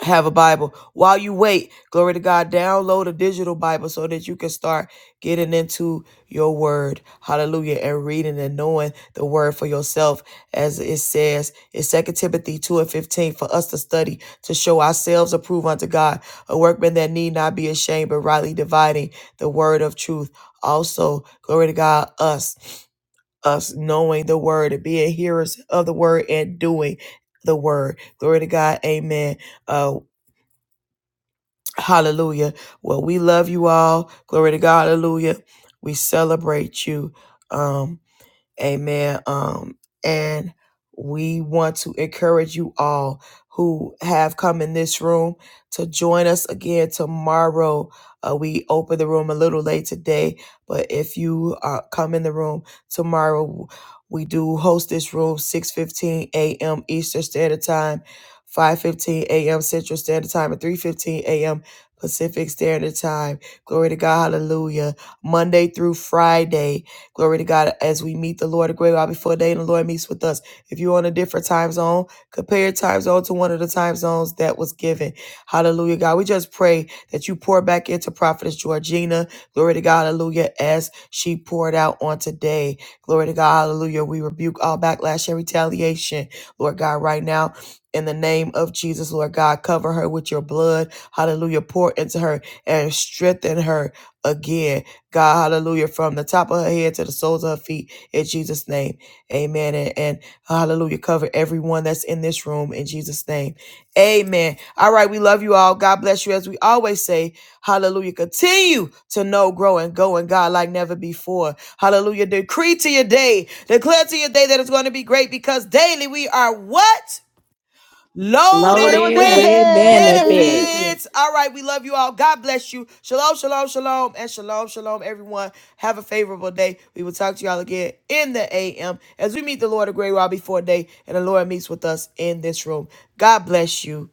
have a Bible. While you wait, glory to God, download a digital Bible so that you can start getting into your word. Hallelujah. And reading and knowing the word for yourself. As it says in Second Timothy 2 and 15, for us to study, to show ourselves approved unto God, a workman that need not be ashamed, but rightly dividing the word of truth. Also, glory to God, us. Us knowing the word and being hearers of the word and doing the word. Glory to God. Amen. Uh. Hallelujah. Well, we love you all. Glory to God. Hallelujah. We celebrate you. Um, Amen. Um, and we want to encourage you all who have come in this room to join us again tomorrow. Uh, we open the room a little late today, but if you uh, come in the room tomorrow, we do host this room 6.15 a.m. Eastern Standard Time, 5.15 a.m. Central Standard Time, and 3.15 a.m. Pacific Standard Time. Glory to God. Hallelujah. Monday through Friday. Glory to God as we meet the Lord a great while before day and the Lord meets with us. If you're on a different time zone, compare your time zone to one of the time zones that was given. Hallelujah, God. We just pray that you pour back into Prophetess Georgina. Glory to God. Hallelujah. As she poured out on today. Glory to God. Hallelujah. We rebuke all backlash and retaliation. Lord God, right now. In the name of Jesus, Lord God, cover her with your blood. Hallelujah. Pour into her and strengthen her again. God, hallelujah, from the top of her head to the soles of her feet in Jesus' name. Amen. And, and hallelujah, cover everyone that's in this room in Jesus' name. Amen. All right, we love you all. God bless you. As we always say, hallelujah, continue to know, grow, and go in God like never before. Hallelujah. Decree to your day, declare to your day that it's going to be great because daily we are what?
Lord, it
loaded
would
Loaded
Lord,
with
with benefits.
benefit.
benefits. All right, we love you all. God bless you. Shalom, shalom, shalom, and shalom, shalom, everyone. Have a favorable day. We will talk to y'all again in the AM as we meet the Lord of Great while before day and the Lord meets with us in this room. God bless you.